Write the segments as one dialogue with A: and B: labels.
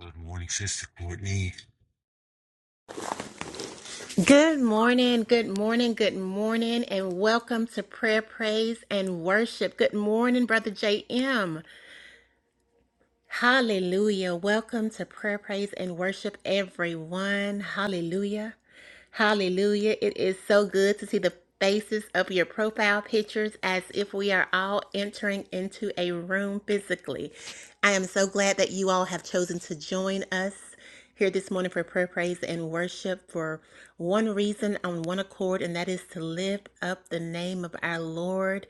A: Good morning, Sister Courtney.
B: Good morning, good morning, good morning, and welcome to Prayer, Praise, and Worship. Good morning, Brother JM. Hallelujah. Welcome to prayer, praise, and worship, everyone. Hallelujah. Hallelujah. It is so good to see the faces of your profile pictures as if we are all entering into a room physically. I am so glad that you all have chosen to join us here this morning for prayer, praise, and worship for one reason on one accord, and that is to lift up the name of our Lord,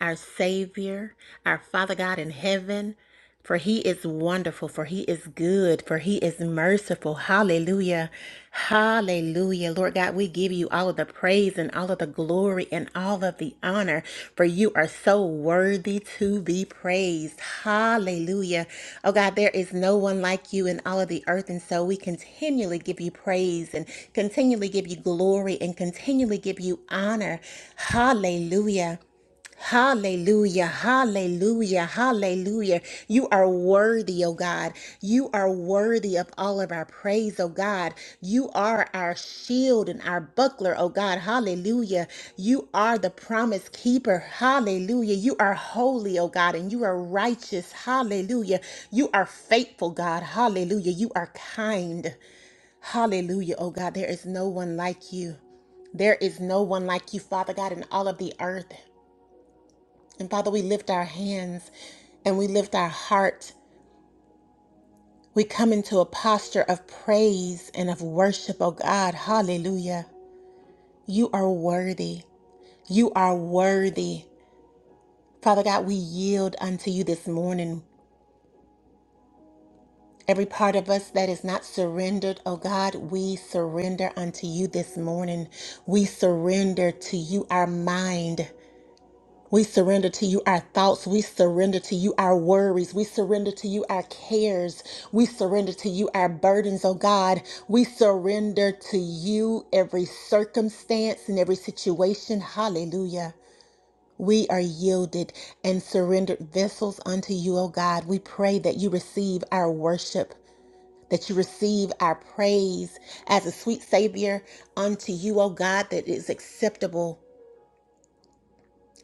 B: our Savior, our Father God in heaven. For he is wonderful, for he is good, for he is merciful. Hallelujah. Hallelujah. Lord God, we give you all of the praise and all of the glory and all of the honor, for you are so worthy to be praised. Hallelujah. Oh God, there is no one like you in all of the earth, and so we continually give you praise and continually give you glory and continually give you honor. Hallelujah. Hallelujah, hallelujah, hallelujah. You are worthy, oh God. You are worthy of all of our praise, oh God. You are our shield and our buckler, oh God. Hallelujah. You are the promise keeper. Hallelujah. You are holy, oh God, and you are righteous. Hallelujah. You are faithful, God. Hallelujah. You are kind. Hallelujah, oh God. There is no one like you. There is no one like you, Father God, in all of the earth. And Father, we lift our hands and we lift our heart. We come into a posture of praise and of worship, oh God. Hallelujah. You are worthy. You are worthy. Father God, we yield unto you this morning. Every part of us that is not surrendered, oh God, we surrender unto you this morning. We surrender to you our mind. We surrender to you our thoughts. We surrender to you our worries. We surrender to you our cares. We surrender to you our burdens, oh God. We surrender to you every circumstance and every situation. Hallelujah. We are yielded and surrendered vessels unto you, O God. We pray that you receive our worship, that you receive our praise as a sweet Savior unto you, O God, that is acceptable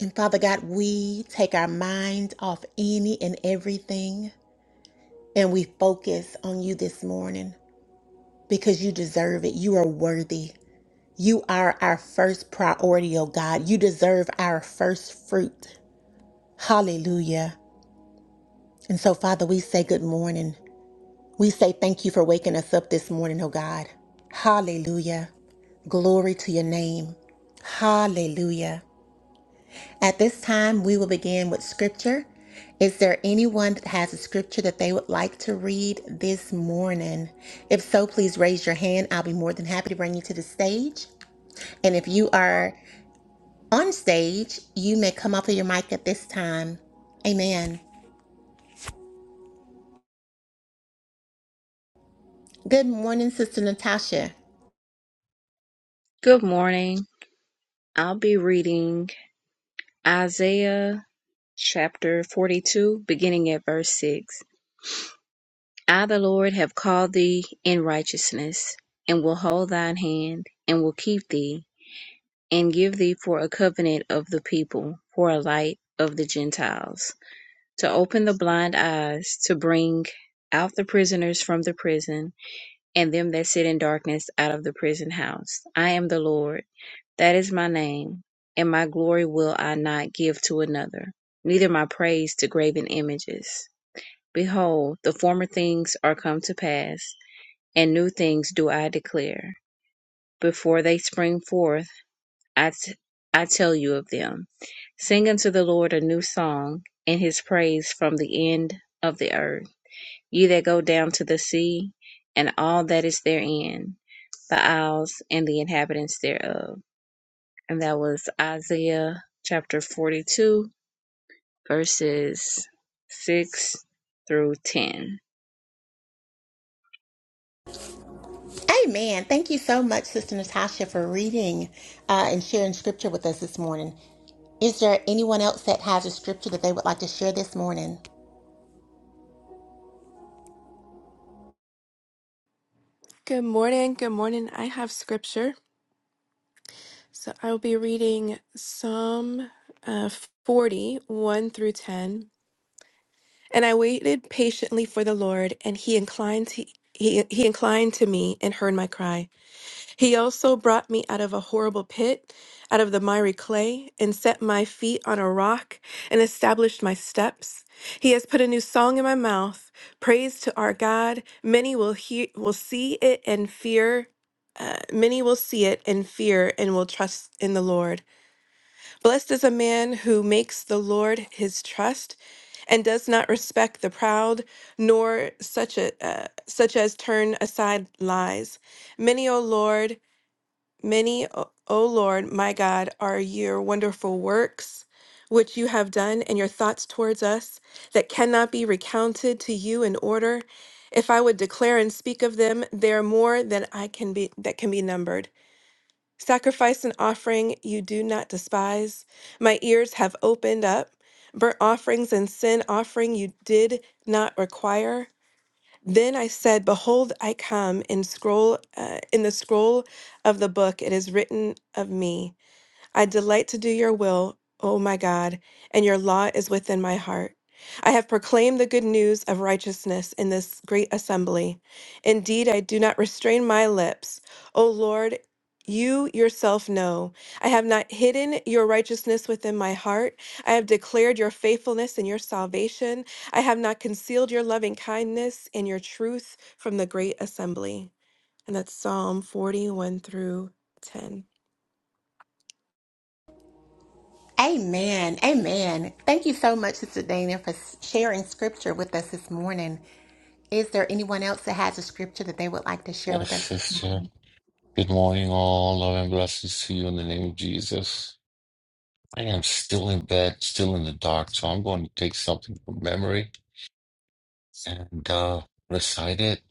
B: and Father God, we take our mind off any and everything and we focus on you this morning because you deserve it. You are worthy. You are our first priority, oh God. You deserve our first fruit. Hallelujah. And so, Father, we say good morning. We say thank you for waking us up this morning, oh God. Hallelujah. Glory to your name. Hallelujah. At this time, we will begin with scripture. Is there anyone that has a scripture that they would like to read this morning? If so, please raise your hand. I'll be more than happy to bring you to the stage. And if you are on stage, you may come off of your mic at this time. Amen. Good morning, Sister Natasha.
C: Good morning. I'll be reading Isaiah chapter 42, beginning at verse 6. I, the Lord, have called thee in righteousness, and will hold thine hand, and will keep thee, and give thee for a covenant of the people, for a light of the Gentiles, to open the blind eyes, to bring out the prisoners from the prison, and them that sit in darkness out of the prison house. I am the Lord, that is my name, and my glory will I not give to another, neither my praise to graven images. Behold, the former things are come to pass, and new things do I declare. Before they spring forth, I, t- I tell you of them. Sing unto the Lord a new song, and his praise from the end of the earth you that go down to the sea, and all that is therein, the isles and the inhabitants thereof. And that was Isaiah chapter 42, verses 6 through 10.
B: Amen. Thank you so much, Sister Natasha, for reading uh, and sharing scripture with us this morning. Is there anyone else that has a scripture that they would like to share this morning?
D: Good morning. Good morning. I have scripture. So I will be reading Psalm uh, 40, one through 10. And I waited patiently for the Lord, and he inclined he, he, he inclined to me and heard my cry. He also brought me out of a horrible pit, out of the miry clay, and set my feet on a rock and established my steps. He has put a new song in my mouth, praise to our God. Many will hear, will see it and fear. Uh, many will see it and fear and will trust in the Lord. Blessed is a man who makes the Lord his trust and does not respect the proud, nor such a uh, such as turn aside lies. Many, O Lord, many, O O Lord, my God, are your wonderful works which you have done and your thoughts towards us that cannot be recounted to you in order. If I would declare and speak of them, they are more than I can be that can be numbered. Sacrifice and offering you do not despise. My ears have opened up. Burnt offerings and sin offering you did not require. Then I said, Behold, I come in scroll uh, in the scroll of the book. It is written of me. I delight to do your will, O my God, and your law is within my heart. I have proclaimed the good news of righteousness in this great assembly. Indeed, I do not restrain my lips. O Lord, you yourself know. I have not hidden your righteousness within my heart. I have declared your faithfulness and your salvation. I have not concealed your loving kindness and your truth from the great assembly. And that's Psalm 41 through 10.
B: Amen. Amen. Thank you so much, Sister Dana, for sharing scripture with us this morning. Is there anyone else that has a scripture that they would like to share
A: Yes,
B: with us?
A: sister. Good morning, all. Love and blessings to you in the name of Jesus. I am still in bed, still in the dark, so I'm going to take something from memory and uh, recite it.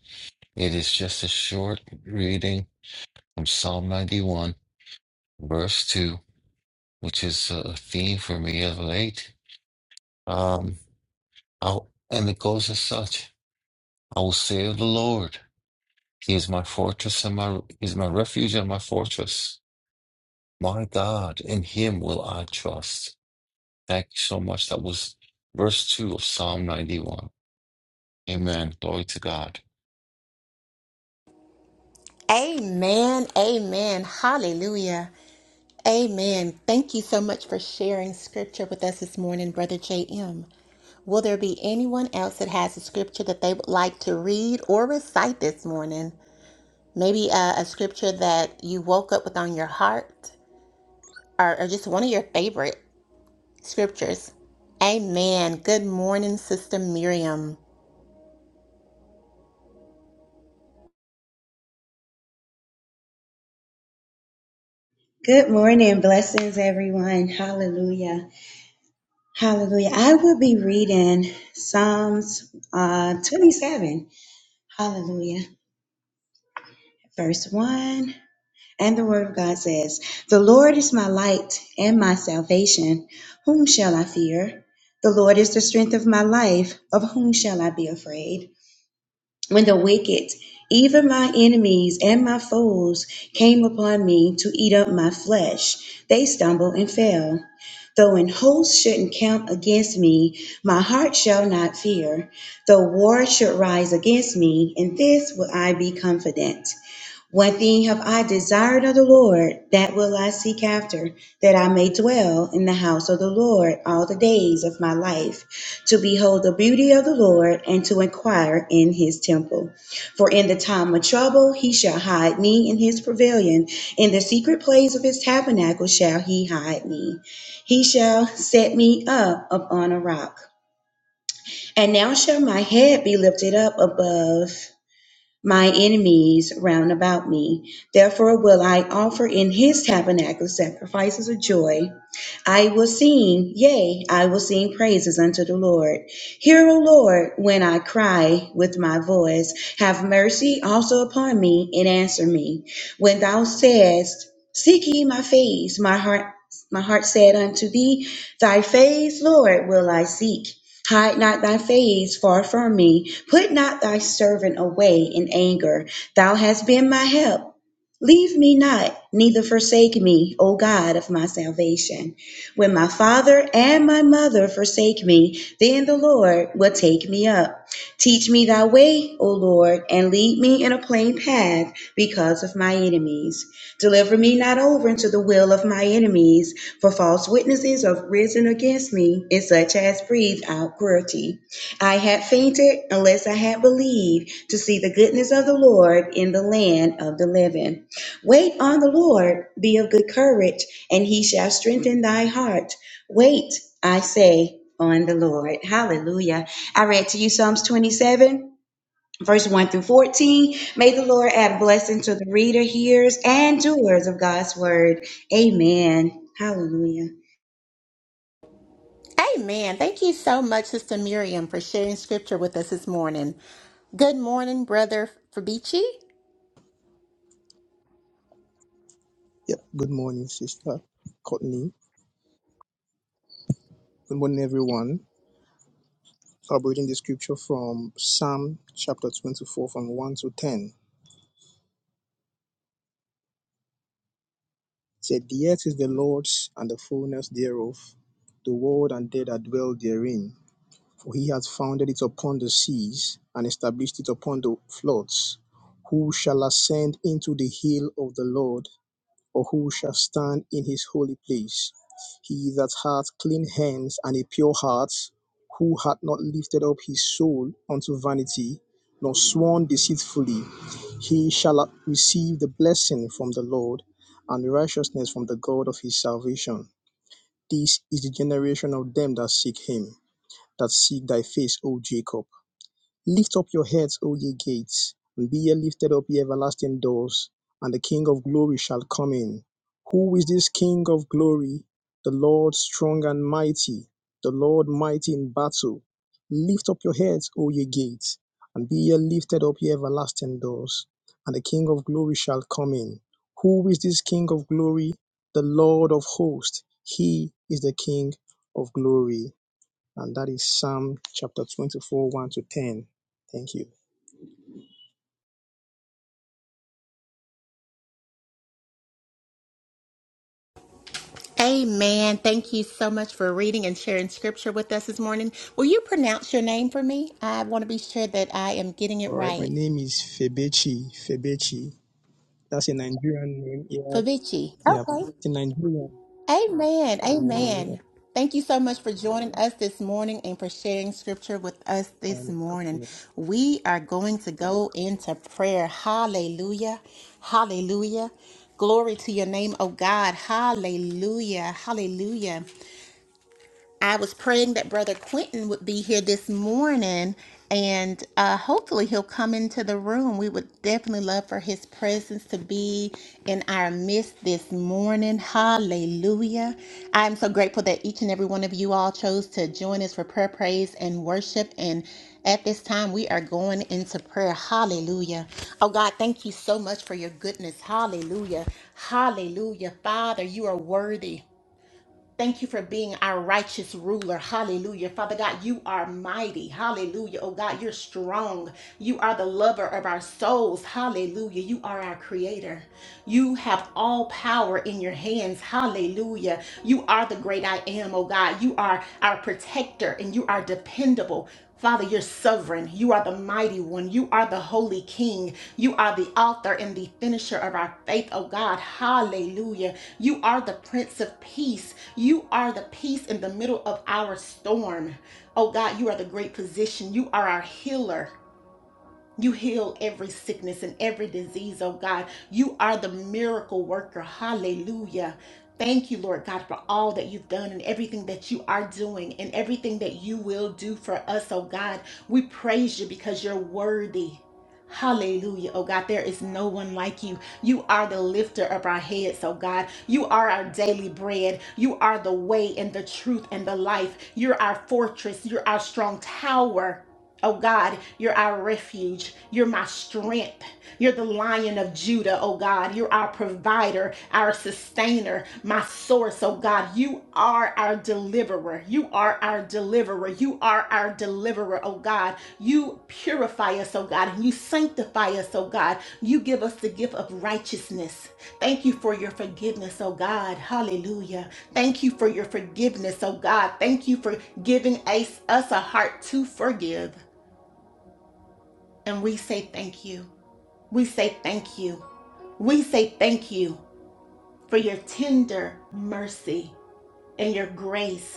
A: It is just a short reading from Psalm 91, verse 2, which is a theme for me of late. Um, I'll, and it goes as such I will say of the Lord, He is my fortress and my, He is my refuge and my fortress. My God, in him will I trust. Thank you so much. That was verse 2 of Psalm 91. Amen. Glory to God.
B: Amen. Amen. Hallelujah. Amen. Thank you so much for sharing scripture with us this morning, Brother J.M. Will there be anyone else that has a scripture that they would like to read or recite this morning? Maybe uh, a scripture that you woke up with on your heart or, or just one of your favorite. scriptures. Amen. Good morning, Sister Miriam.
E: Good morning. Blessings, everyone. Hallelujah. Hallelujah. I will be reading Psalms uh, 27. Hallelujah. Verse 1. And the word of God says, The Lord is my light and my salvation. Whom shall I fear? The Lord is the strength of my life. Of whom shall I be afraid? when the wicked, even my enemies and my foes, came upon me to eat up my flesh, they stumbled and fell. Though an host should encamp against me, my heart shall not fear. Though war should rise against me, in this will I be confident. One thing have I desired of the Lord, that will I seek after, that I may dwell in the house of the Lord all the days of my life, to behold the beauty of the Lord, and to inquire in his temple. For in the time of trouble he shall hide me in his pavilion, in the secret place of his tabernacle shall he hide me. He shall set me up upon a rock. And now shall my head be lifted up above my enemies round about me. Therefore will I offer in his tabernacle sacrifices of joy. I will sing, yea, I will sing praises unto the Lord. Hear, O Lord, when I cry with my voice. Have mercy also upon me and answer me. When thou sayest, Seek ye my face, my heart my heart said unto thee, Thy face, Lord, will I seek. Hide not thy face far from me. Put not thy servant away in anger. Thou hast been my help. Leave me not, neither forsake me, O God of my salvation. When my father and my mother forsake me, then the Lord will take me up. Teach me thy way, O Lord, and lead me in a plain path because of my enemies. Deliver me not over into the will of my enemies, for false witnesses have risen against me, and such as breathe out cruelty. I had fainted unless I had believed to see the goodness of the Lord in the land of the living. Wait on the Lord, be of good courage, and he shall strengthen thy heart. Wait, I say, on the Lord. Hallelujah. I read to you Psalms 27 verse 1 through 14. May the Lord add blessing to the reader, hearers, and doers of God's word. Amen. Hallelujah.
B: Amen. Thank you so much, Sister Miriam, for sharing scripture with us this morning. Good morning, Brother Fabici.
F: Yeah, good morning, Sister Courtney. Good morning, everyone. So I'm reading the scripture from Psalm chapter 24, from 1 to 10. It said, The earth is the Lord's and the fullness thereof, the world and they that dwell therein. For he hath founded it upon the seas and established it upon the floods. Who shall ascend into the hill of the Lord? or who shall stand in his holy place? He that hath clean hands and a pure heart, who hath not lifted up his soul unto vanity, nor sworn deceitfully, he shall receive the blessing from the Lord and righteousness from the God of his salvation. This is the generation of them that seek him, that seek thy face, O Jacob. Lift up your heads, O ye gates, and be ye lifted up, ye everlasting doors, and the King of glory shall come in. Who is this King of glory? The Lord strong and mighty, the Lord mighty in battle. Lift up your heads, O ye gates, and be ye lifted up, ye everlasting doors, and the King of glory shall come in. Who is this King of glory? The Lord of hosts, he is the King of glory and that is Psalm chapter 24, 1 to 10. Thank you.
B: Amen. Thank you so much for reading and sharing scripture with us this morning. Will you pronounce your name for me? I want to be sure that I am getting it
F: All right, my
B: right.
F: name is Febechi. Febechi. That's a Nigerian name. Yeah,
B: Fabici.
F: yeah, it's a Nigerian
B: Amen. Amen. Thank you so much for joining us this morning and for sharing scripture with us this
F: name.
B: morning. We are going to go into prayer. Hallelujah. Hallelujah. Glory to your name, oh God. Hallelujah. Hallelujah. I was praying that Brother Quentin would be here this morning, and uh, hopefully he'll come into the room. We would definitely love for his presence to be in our midst this morning. Hallelujah. I'm so grateful that each and every one of you all chose to join us for prayer, praise, and worship. And at this time, we are going into prayer. Hallelujah. Oh God, thank you so much for your goodness. Hallelujah. Hallelujah. Father, you are worthy. Thank you for being our righteous ruler. Hallelujah. Father God, you are mighty. Hallelujah. Oh God, you're strong. You are the lover of our souls. Hallelujah. You are our creator. You have all power in your hands. Hallelujah. You are the great I am, oh God. You are our protector and you are dependable. Father, you're sovereign. You are the mighty one. You are the holy king. You are the author and the finisher of our faith, oh God. Hallelujah. You are the prince of peace. You are the peace in the middle of our storm. Oh God, you are the great physician. You are our healer. You heal every sickness and every disease, oh God. You are the miracle worker. Hallelujah. Thank you, Lord God, for all that you've done and everything that you are doing and everything that you will do for us, oh God. We praise you because you're worthy. Hallelujah, oh God. There is no one like you. You are the lifter of our heads, oh God. You are our daily bread. You are the way and the truth and the life. You're our fortress. You're our strong tower. Oh God, you're our refuge. You're my strength. You're the lion of Judah, oh God. You're our provider, our sustainer, my source, oh God. You are our deliverer. You are our deliverer. You are our deliverer, oh God. You purify us, oh God, and you sanctify us, oh God. You give us the gift of righteousness. Thank you for your forgiveness, oh God. Hallelujah. Thank you for your forgiveness, oh God. Thank you for giving us us a heart to forgive. And we say thank you. We say thank you. We say thank you for your tender mercy and your grace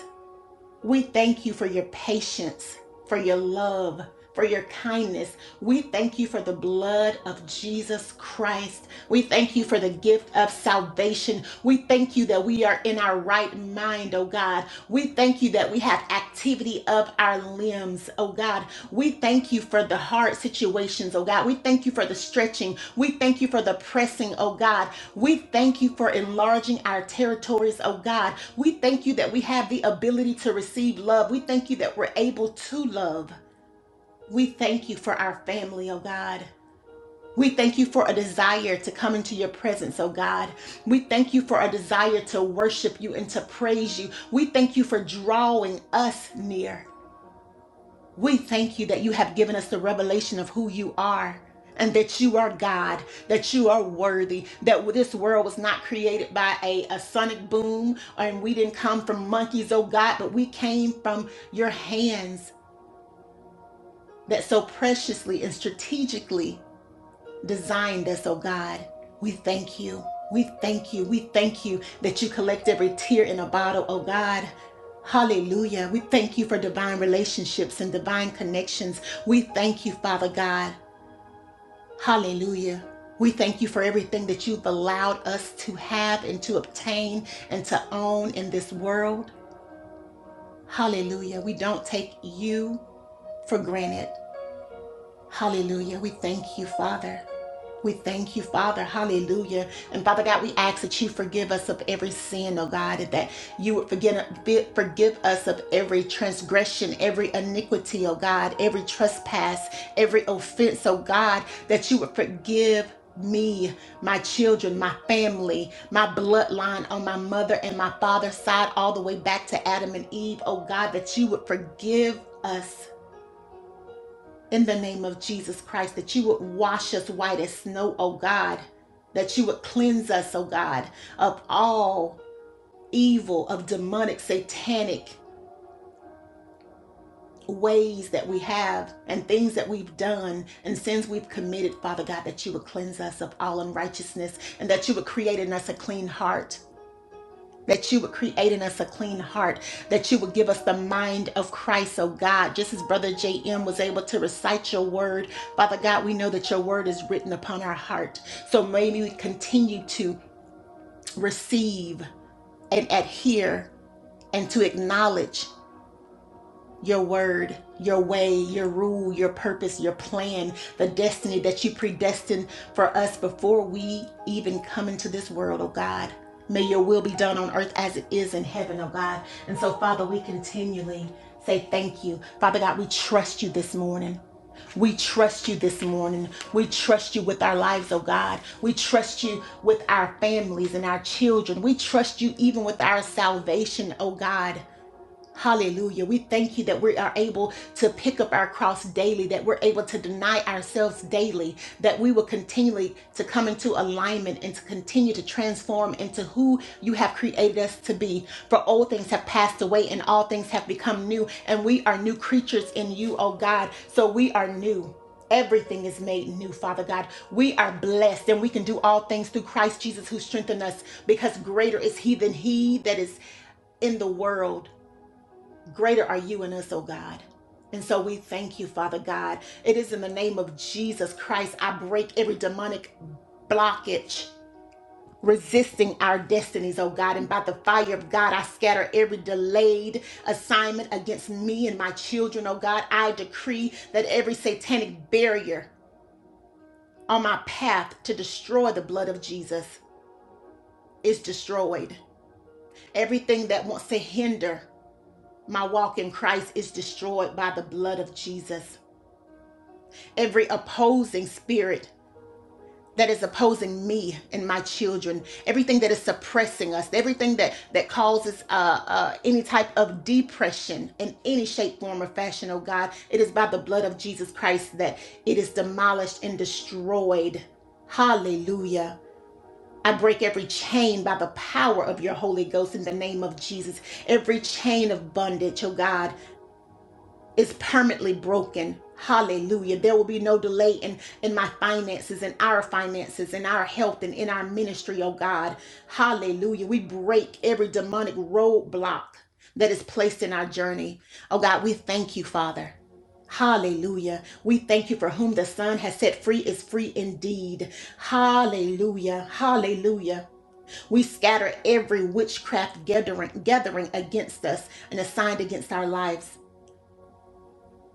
B: we thank you for your patience, for your love, for your kindness. We thank you for the blood of Jesus Christ. We thank you for the gift of salvation. We thank you that we are in our right mind, oh God. We thank you that we have activity of our limbs, oh God. We thank you for the hard situations, oh God. We thank you for the stretching. We thank you for the pressing, oh God. We thank you for enlarging our territories, oh God. We thank you that we have the ability to receive love. We thank you that we're able to love. We thank you for our family, oh God. We thank you for a desire to come into your presence, oh God. We thank you for a desire to worship you and to praise you. We thank you for drawing us near. We thank you that you have given us the revelation of who you are and that you are God, that you are worthy, that this world was not created by a, a sonic boom, and we didn't come from monkeys, oh God, but we came from your hands that so preciously and strategically Designed us, oh God. We thank you. We thank you. We thank you that you collect every tear in a bottle, oh God. Hallelujah. We thank you for divine relationships and divine connections. We thank you, Father God. Hallelujah. We thank you for everything that you've allowed us to have and to obtain and to own in this world. Hallelujah. We don't take you for granted. Hallelujah. We thank you, Father. We thank you, Father. Hallelujah. And Father God, we ask that you forgive us of every sin, oh God, and that you would forgive, forgive us of every transgression, every iniquity, oh God, every trespass, every offense, oh God, that you would forgive me, my children, my family, my bloodline on my mother and my father's side, all the way back to Adam and Eve, oh God, that you would forgive us in the name of Jesus Christ, that you would wash us white as snow, oh God, that you would cleanse us, oh God, of all evil, of demonic, satanic ways that we have and things that we've done and sins we've committed, Father God, that you would cleanse us of all unrighteousness and that you would create in us a clean heart. that you would create in us a clean heart, that you would give us the mind of Christ, oh God. Just as Brother J.M. was able to recite your word, Father God, we know that your word is written upon our heart. So maybe we continue to receive and adhere and to acknowledge your word, your way, your rule, your purpose, your plan, the destiny that you predestined for us before we even come into this world, oh God. May your will be done on earth as it is in heaven, oh God. And so, Father, we continually say thank you. Father God, we trust you this morning. We trust you this morning. We trust you with our lives, oh God. We trust you with our families and our children. We trust you even with our salvation, oh God. Hallelujah. We thank you that we are able to pick up our cross daily, that we're able to deny ourselves daily, that we will continually to come into alignment and to continue to transform into who you have created us to be. For old things have passed away and all things have become new, and we are new creatures in you, oh God. So we are new. Everything is made new, Father God. We are blessed and we can do all things through Christ Jesus who strengthened us because greater is He than He that is in the world. Greater are you in us, oh God. And so we thank you, Father God. It is in the name of Jesus Christ. I break every demonic blockage resisting our destinies, oh God. And by the fire of God, I scatter every delayed assignment against me and my children, oh God. I decree that every satanic barrier on my path to destroy the blood of Jesus is destroyed. Everything that wants to hinder my walk in Christ is destroyed by the blood of Jesus. every opposing spirit that is opposing me and my children everything that is suppressing us everything that that causes uh, uh any type of depression in any shape form or fashion oh god it is by the blood of jesus christ that it is demolished and destroyed hallelujah I break every chain by the power of your Holy Ghost in the name of Jesus. Every chain of bondage, oh God is permanently broken. Hallelujah. There will be no delay in, in my finances, in our finances, in our health, and in our ministry, oh God. Hallelujah. We break every demonic roadblock that is placed in our journey. Oh God, we thank you, Father. Hallelujah. We thank you for whom the Son has set free is free indeed. Hallelujah. Hallelujah. We scatter every witchcraft gathering, gathering against us and assigned against our lives.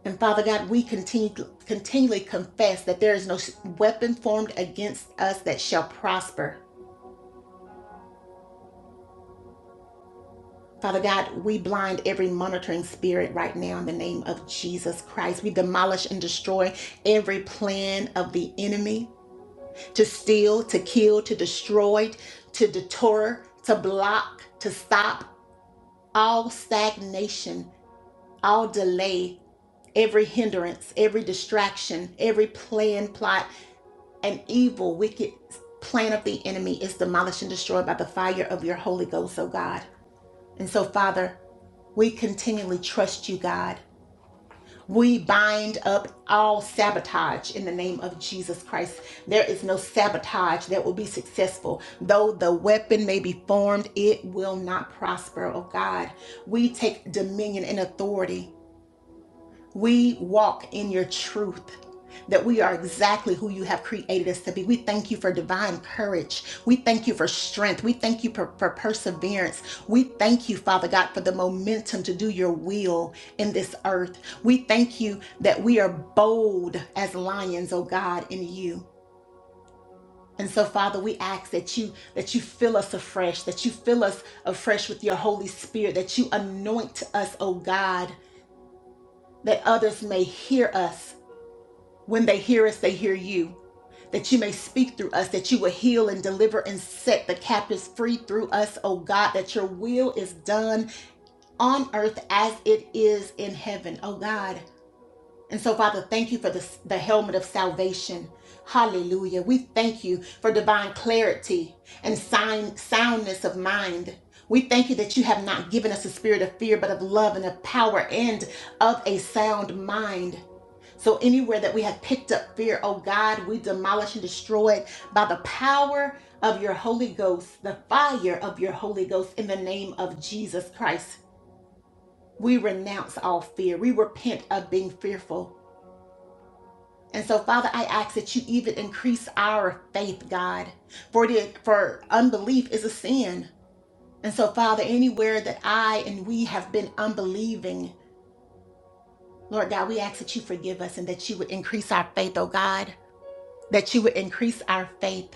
B: And Father God, we continue, continually confess that there is no weapon formed against us that shall prosper. Father God, we blind every monitoring spirit right now in the name of Jesus Christ. We demolish and destroy every plan of the enemy to steal, to kill, to destroy, to deter, to block, to stop all stagnation, all delay, every hindrance, every distraction, every plan, plot, an evil, wicked plan of the enemy is demolished and destroyed by the fire of your Holy Ghost, oh God. And so, Father, we continually trust you, God. We bind up all sabotage in the name of Jesus Christ. There is no sabotage that will be successful. Though the weapon may be formed, it will not prosper, oh God. We take dominion and authority we walk in your truth. That we are exactly who you have created us to be. We thank you for divine courage. We thank you for strength. We thank you for, for perseverance. We thank you, Father God, for the momentum to do your will in this earth. We thank you that we are bold as lions, oh God, in you. And so, Father, we ask that you that you fill us afresh, that you fill us afresh with your Holy Spirit, that you anoint us, oh God, that others may hear us When they hear us, they hear you. That you may speak through us, that you will heal and deliver and set the captives free through us, oh God, that your will is done on earth as it is in heaven, oh God. And so, Father, thank you for the, the helmet of salvation. Hallelujah. We thank you for divine clarity and sign, soundness of mind. We thank you that you have not given us a spirit of fear, but of love and of power and of a sound mind. So anywhere that we have picked up fear, oh God, we demolish and destroy it by the power of your Holy Ghost, the fire of your Holy Ghost in the name of Jesus Christ. We renounce all fear. We repent of being fearful. And so, Father, I ask that you even increase our faith, God, for it is, for unbelief is a sin. And so, Father, anywhere that I and we have been unbelieving, Lord God, we ask that you forgive us and that you would increase our faith, oh God. that you would increase our faith,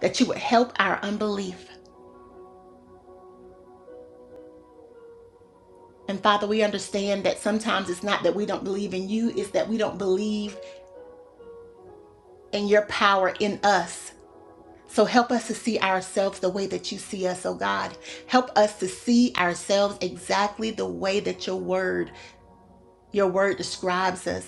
B: that you would help our unbelief. And Father, we understand that sometimes it's not that we don't believe in you, it's that we don't believe in your power in us. So help us to see ourselves the way that you see us, oh God. Help us to see ourselves exactly the way that your word, your word describes us.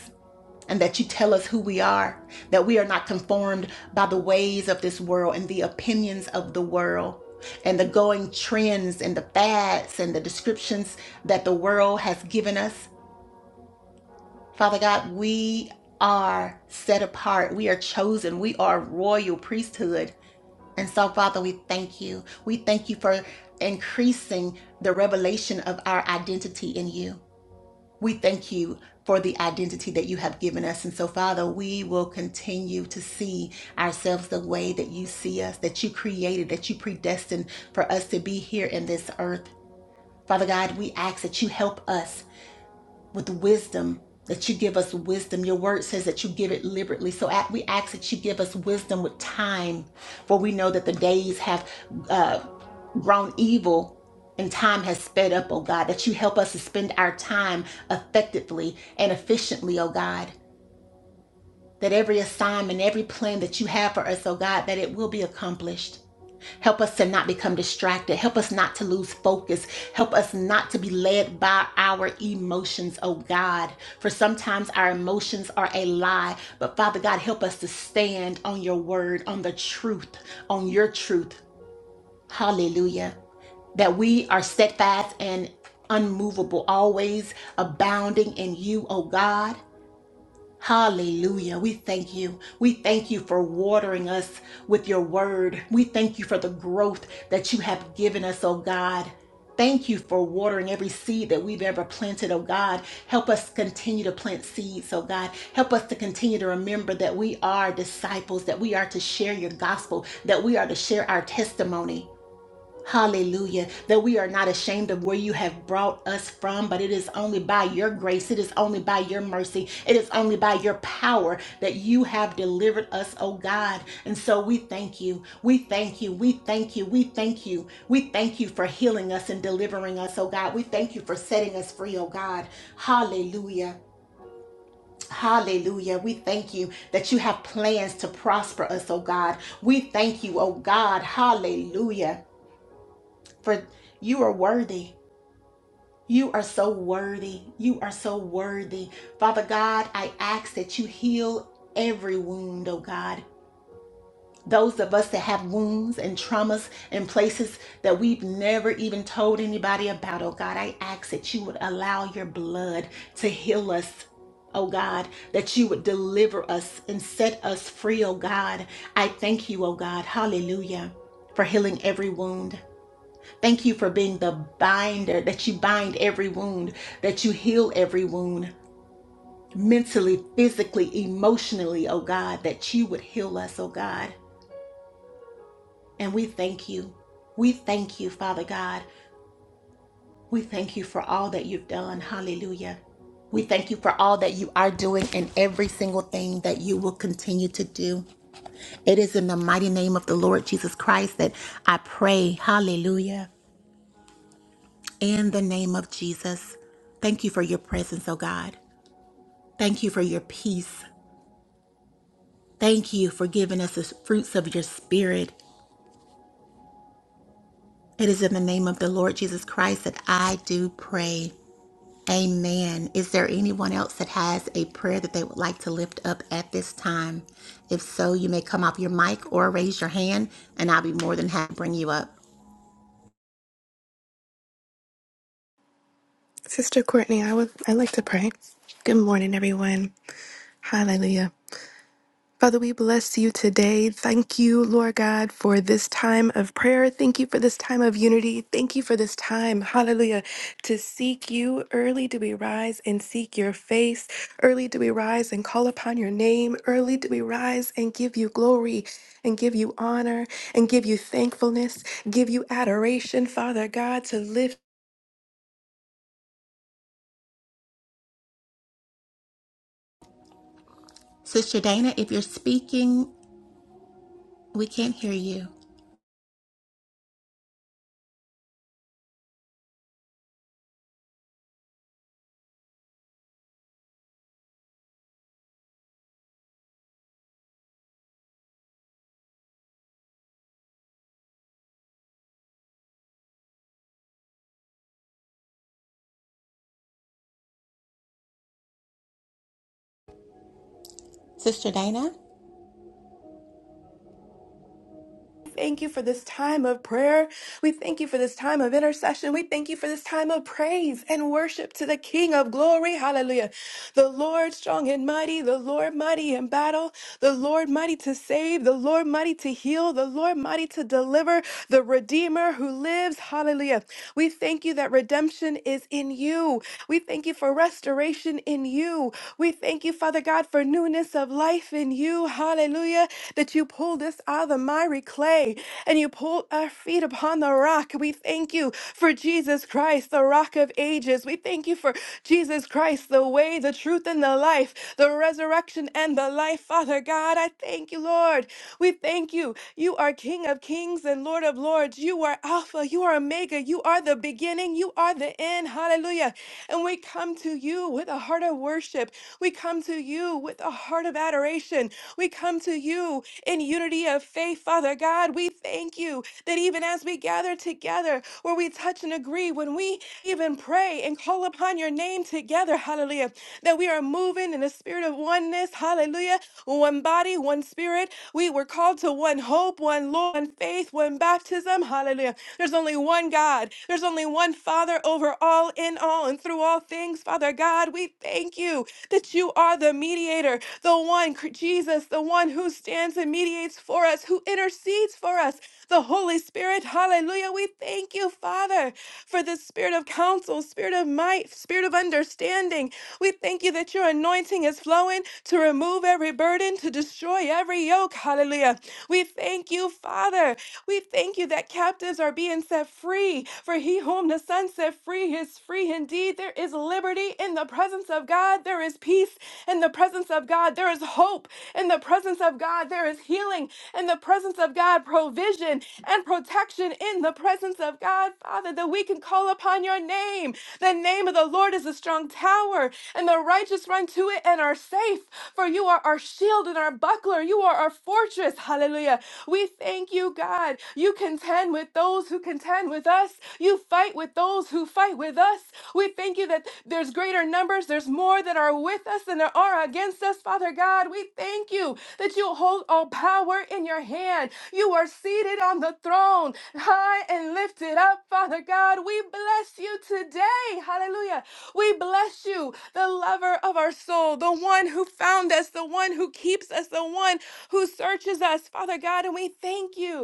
B: and that you tell us who we are, that we are not conformed by the ways of this world and the opinions of the world and the going trends and the fads and the descriptions that the world has given us. Father God, we are set apart, we are chosen, we are royal priesthood. And so, Father, we thank you. We thank you for increasing the revelation of our identity in you. We thank you for the identity that you have given us. And so, Father, we will continue to see ourselves the way that you see us, that you created, that you predestined for us to be here in this earth. Father God, we ask that you help us with wisdom, that you give us wisdom. Your word says that you give it liberally. So we ask that you give us wisdom with time, for we know that the days have uh, grown evil and time has sped up, oh God, that you help us to spend our time effectively and efficiently, oh God, that every assignment, every plan that you have for us, oh God, that it will be accomplished. Help us to not become distracted. Help us not to lose focus. Help us not to be led by our emotions, oh God. For sometimes our emotions are a lie. But Father God, help us to stand on your word, on the truth, on your truth. Hallelujah. That we are steadfast and unmovable, always abounding in you, O God. Hallelujah. We thank you. We thank you for watering us with your word. We thank you for the growth that you have given us, oh God. Thank you for watering every seed that we've ever planted, oh God. Help us continue to plant seeds, oh God. Help us to continue to remember that we are disciples, that we are to share your gospel, that we are to share our testimony. Hallelujah. That we are not ashamed of where you have brought us from, but it is only by your grace, it is only by your mercy, it is only by your power that you have delivered us, oh God. And so we thank you. We thank you. We thank you. We thank you. We thank you for healing us and delivering us, oh God. We thank you for setting us free, oh God. Hallelujah. Hallelujah. We thank you that you have plans to prosper us, oh God. We thank you, oh God. Hallelujah for you are worthy. You are so worthy. You are so worthy. Father God, I ask that you heal every wound, oh God. Those of us that have wounds and traumas and places that we've never even told anybody about, oh God, I ask that you would allow your blood to heal us. Oh God, that you would deliver us and set us free, oh God. I thank you, oh God. Hallelujah. For healing every wound. Thank you for being the binder, that you bind every wound, that you heal every wound, mentally, physically, emotionally, oh God, that you would heal us, oh God. And we thank you. We thank you, Father God. We thank you for all that you've done. Hallelujah. We thank you for all that you are doing and every single thing that you will continue to do. It is in the mighty name of the Lord Jesus Christ that I pray. Hallelujah. In the name of Jesus, thank you for your presence, oh God. Thank you for your peace. Thank you for giving us the fruits of your spirit. It is in the name of the Lord Jesus Christ that I do pray. Amen. Is there anyone else that has a prayer that they would like to lift up at this time? If so, you may come off your mic or raise your hand, and I'll be more than happy to bring you up.
D: Sister Courtney, I would I like to pray. Good morning, everyone. Hallelujah. Father, we bless you today. Thank you, Lord God, for this time of prayer. Thank you for this time of unity. Thank you for this time, hallelujah, to seek you. Early do we rise and seek your face. Early do we rise and call upon your name. Early do we rise and give you glory and give you honor and give you thankfulness, give you adoration, Father God, to lift
B: Sister Dana, if you're speaking, we can't hear you. Sister Dana?
D: Thank you for this time of prayer. We thank you for this time of intercession. We thank you for this time of praise and worship to the King of glory. Hallelujah. The Lord strong and mighty, the Lord mighty in battle the Lord mighty to save, the Lord mighty to heal, the Lord mighty to deliver, the Redeemer who lives. Hallelujah. We thank you that redemption is in you. We thank you for restoration in you. We thank you, Father God, for newness of life in you. Hallelujah. That you pulled us out of the miry clay and you pulled our feet upon the rock. We thank you for Jesus Christ, the rock of ages. We thank you for Jesus Christ, the way, the truth, and the life, the resurrection and the life. Father God, I thank you, Lord. We thank you. You are King of kings and Lord of lords. You are Alpha. You are Omega. You are the beginning. You are the end. Hallelujah. And we come to you with a heart of worship. We come to you with a heart of adoration. We come to you in unity of faith, Father God. We thank you that even as we gather together, where we touch and agree, when we even pray and call upon your name together, hallelujah, that we are moving in the spirit spirit of oneness. Hallelujah. One body, one spirit. We were called to one hope, one Lord, one faith, one baptism. Hallelujah. There's only one God. There's only one Father over all, in all, and through all things. Father God, we thank you that you are the mediator, the one, cr- Jesus, the one who stands and mediates for us, who intercedes for us, the Holy Spirit. Hallelujah. We thank you, Father, for the spirit of counsel, spirit of might, spirit of understanding. We thank you you that your anointing is flowing to remove every burden, to destroy every yoke. Hallelujah. We thank you, Father. We thank you that captives are being set free. For he whom the Son set free is free indeed. There is liberty in the presence of God. There is peace in the presence of God. There is hope in the presence of God. There is healing in the presence of God, provision and protection in the presence of God, Father, that we can call upon your name. The name of the Lord is a strong tower power, and the righteous run to it and are safe. For you are our shield and our buckler. You are our fortress. Hallelujah. We thank you, God. You contend with those who contend with us. You fight with those who fight with us. We thank you that there's greater numbers, there's more that are with us than there are against us, Father God. We thank you that you hold all power in your hand. You are seated on the throne, high and lifted up, Father God. We bless you today. Hallelujah. We bless you, the lover of our soul, the one who found us, the one who keeps us, the one who searches us, Father God. And we thank you.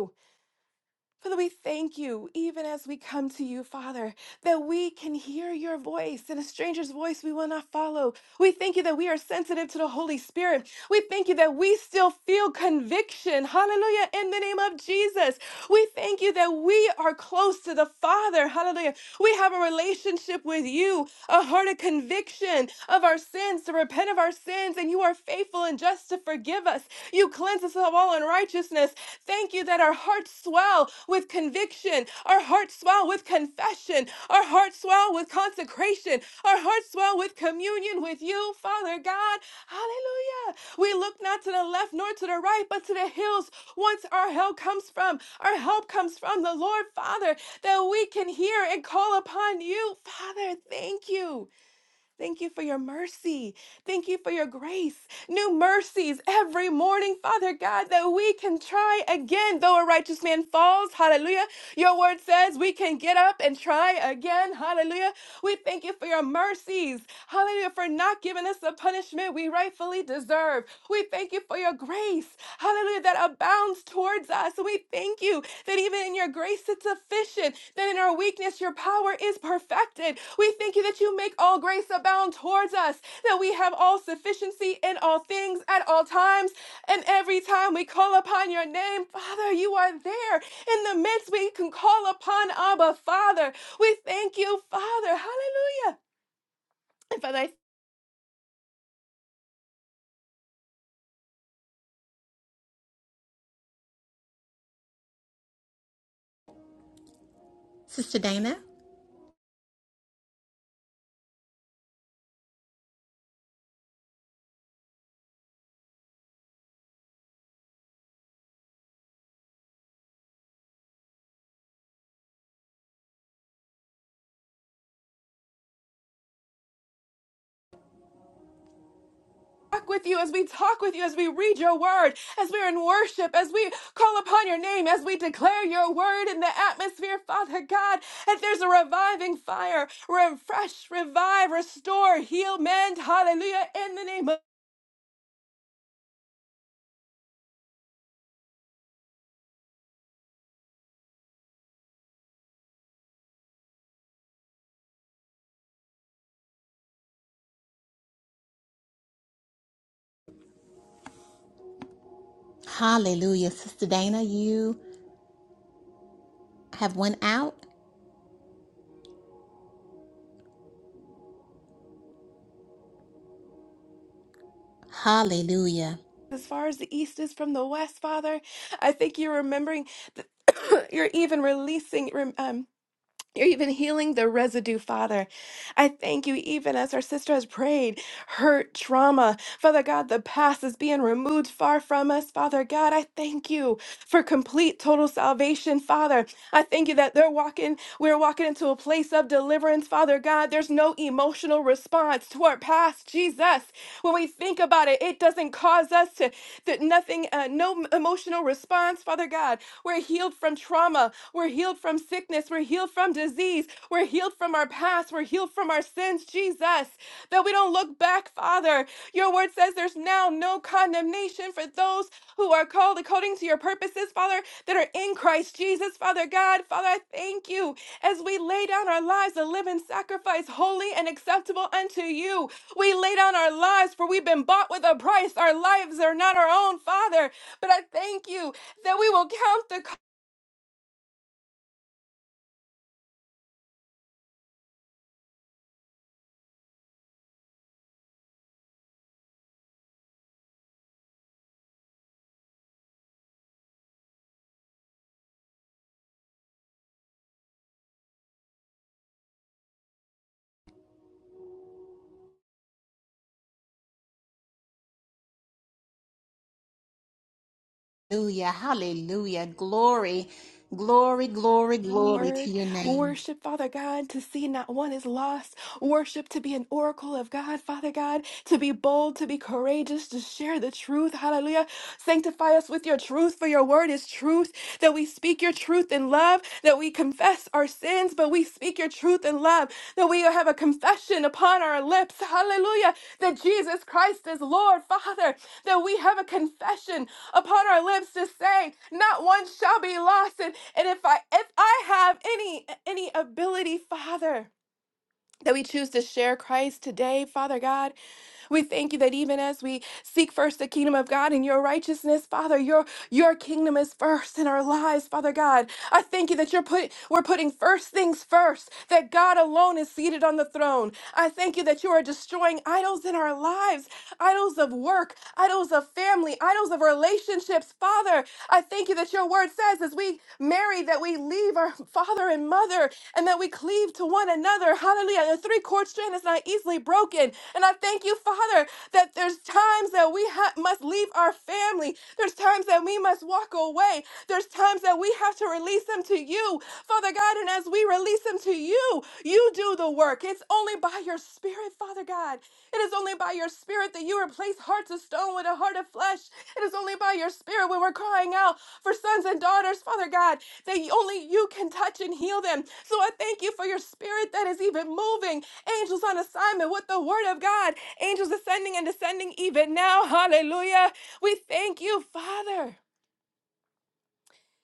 D: Father, we thank you, even as we come to you, Father, that we can hear your voice and a stranger's voice we will not follow. We thank you that we are sensitive to the Holy Spirit. We thank you that we still feel conviction. Hallelujah. In the name of Jesus. We thank you that we are close to the Father. Hallelujah. We have a relationship with you, a heart of conviction of our sins, to repent of our sins, and you are faithful and just to forgive us. You cleanse us of all unrighteousness. Thank you that our our hearts swell with conviction, our hearts swell with confession, our hearts swell with consecration, our hearts swell with communion with you, Father God. Hallelujah. We look not to the left nor to the right, but to the hills once our help comes from. Our help comes from the Lord, Father, that we can hear and call upon you, Father. Thank you. Thank you for your mercy. Thank you for your grace. New mercies every morning, Father God, that we can try again. Though a righteous man falls, hallelujah. Your word says we can get up and try again, hallelujah. We thank you for your mercies, hallelujah, for not giving us the punishment we rightfully deserve. We thank you for your grace, hallelujah that abounds towards us. And we thank you that even in your grace it's sufficient, that in our weakness your power is perfected. We thank you that you make all grace abound towards us, that we have all sufficiency in all things at all times. And every time we call upon your name, Father, you are there. In the midst, we can call upon Abba, Father. We thank you, Father. Hallelujah. And Father, I
B: Sister Dana?
D: walk with you, as we talk with you, as we read your word, as we're in worship, as we call upon your name, as we declare your word in the atmosphere, Father God, that there's a reviving fire, refresh, revive, restore, heal, mend, hallelujah, in the name of
B: Hallelujah. Sister Dana, you have one out. Hallelujah.
D: as far as the east is from the west, Father, I think you're remembering, that you're even releasing. rem- um. You're even healing the residue, Father. I thank you, even as our sister has prayed, hurt, trauma. Father God, the past is being removed far from us, Father God. I thank you for complete, total salvation, Father. I thank you that they're walking, we're walking into a place of deliverance, Father God. There's no emotional response to our past, Jesus. When we think about it, it doesn't cause us to, that nothing, uh, no m- emotional response, Father God. We're healed from trauma. We're healed from sickness. We're healed from disease. We're healed from from our past. We're healed from our sins, Jesus, that we don't look back, Father. Your word says there's now no condemnation for those who are called according to your purposes, Father, that are in Christ Jesus, Father God. Father, I thank you as we lay down our lives a living sacrifice, holy and acceptable unto you. We lay down our lives, for we've been bought with a price. Our lives are not our own, Father. But I thank you that we will count the
B: Hallelujah. Hallelujah. Glory, glory, glory, glory to
D: Word,
B: your name.
D: worship, Father God, to see not one is lost. Worship to be an oracle of God, Father God, to be bold, to be courageous, to share the truth. Hallelujah. Sanctify us with your truth, for your word is truth. That we speak your truth in love, that we confess our sins, but we speak your truth in love, that we have a confession upon our lips. Hallelujah. That Jesus Christ is Lord, Father, that we have a confession upon our lips to say not one shall be lost and, and if i if i have any any ability father that we choose to share christ today father god we thank you that even as we seek first the kingdom of God and your righteousness, Father, your your kingdom is first in our lives, Father God. I thank you that you're put we're putting first things first, that God alone is seated on the throne. I thank you that you are destroying idols in our lives, idols of work, idols of family, idols of relationships, Father. I thank you that your word says as we marry that we leave our father and mother and that we cleave to one another. Hallelujah. The three-chord strand is not easily broken broken. And I thank you, Father, that there's times that we ha- must leave our family. There's times that we must walk away. There's times that we have to release them to you, Father God. And as we release them to you, you do the work. It's only by your spirit, Father God. It is only by your spirit that you replace hearts of stone with a heart of flesh. It is only by your spirit when we're crying out for sons and daughters, Father God, that only you can touch and heal them. So I thank you for your spirit that is even moving. Angels on assignment with the word of God. Angels ascending and descending even now. Hallelujah. We thank you, Father.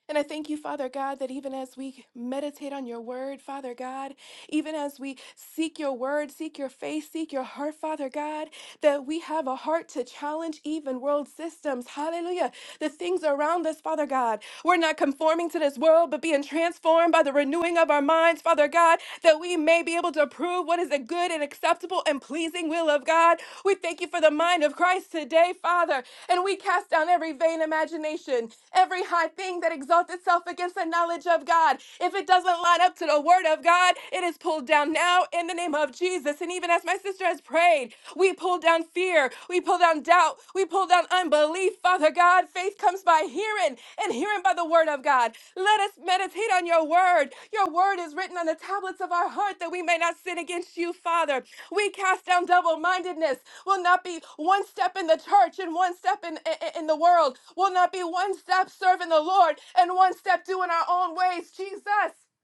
D: And I thank you, Father God, that even as we meditate on your word, Father God, even as we seek your word, seek your face, seek your heart, Father God, that we have a heart to challenge even world systems. Hallelujah the things around us, Father God. We're not conforming to this world, but being transformed by the renewing of our minds, Father God, that we may be able to prove what is a good and acceptable and pleasing will of God. We thank you for the mind of Christ today, Father. And we cast down every vain imagination, every high thing that exalts itself against the knowledge of God. If if it doesn't line up to the word of God, it is pulled down now in the name of Jesus. And even as my sister has prayed, we pull down fear, we pull down doubt, we pull down unbelief. Father God, faith comes by hearing and hearing by the word of God. Let us meditate on your word. Your word is written on the tablets of our heart that we may not sin against you, Father. We cast down double mindedness. Will not be one step in the church and one step in, in, in the world. Will not be one step serving the Lord and one step doing our own ways. Jesus.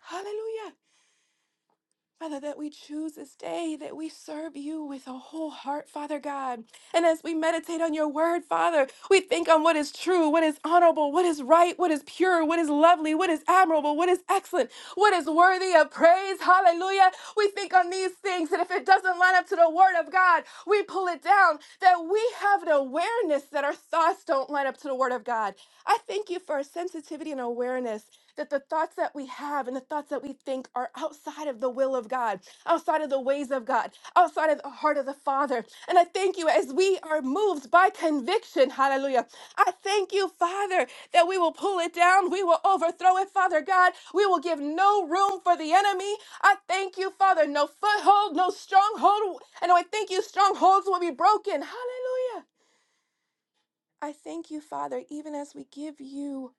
D: Hallelujah. Father, that we choose this day that we serve you with a whole heart, Father God. And as we meditate on your word, Father, we think on what is true, what is honorable, what is right, what is pure, what is lovely, what is admirable, what is excellent, what is worthy of praise. Hallelujah. We think on these things. And if it doesn't line up to the word of God, we pull it down. That we have an awareness that our thoughts don't line up to the word of God. I thank you for our sensitivity and awareness that the thoughts that we have and the thoughts that we think are outside of the will of God, outside of the ways of God, outside of the heart of the Father. And I thank you as we are moved by conviction. Hallelujah. I thank you, Father, that we will pull it down. We will overthrow it, Father God. We will give no room for the enemy. I thank you, Father, no foothold, no stronghold. And I thank you, strongholds will be broken. Hallelujah. I thank you, Father, even as we give you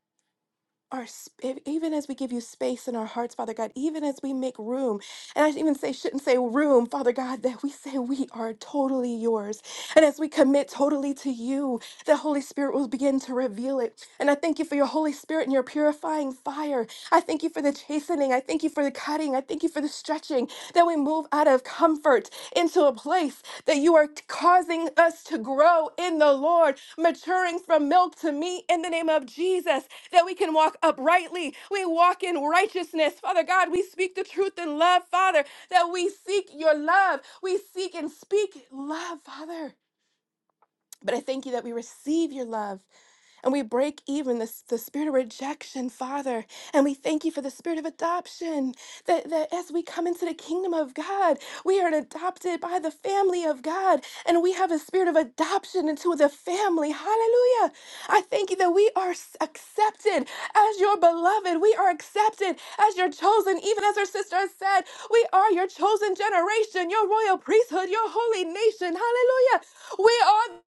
D: our sp- e-, even as we give you space in our hearts, Father God, even as we make room, and I even say shouldn't say room, Father God, that we say we are totally yours, and as we commit totally to you, the Holy Spirit will begin to reveal it. And I thank you for your Holy Spirit and your purifying fire. I thank you for the chastening. I thank you for the cutting. I thank you for the stretching that we move out of comfort into a place that you are t- causing us to grow in the Lord, maturing from milk to meat in the name of Jesus, that we can walk uprightly. We walk in righteousness. Father God, we speak the truth in love, Father, that we seek your love. We seek and speak love, Father. But I thank you that we receive your love and we break even the, the spirit of rejection, Father. And we thank you for the spirit of adoption. That, that as we come into the kingdom of God, we are adopted by the family of God. And we have a spirit of adoption into the family. Hallelujah. I thank you that we are s- accepted as your beloved. We are accepted as your chosen, even as our sister has said, we are your chosen generation, your royal priesthood, your holy nation. Hallelujah. We are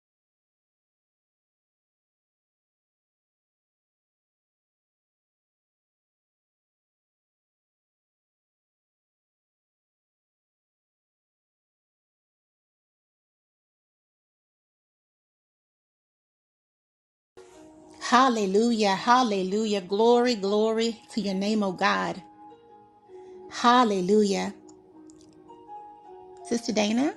B: Hallelujah. Hallelujah. Glory, glory to your name, O God. Hallelujah. Sister Dana?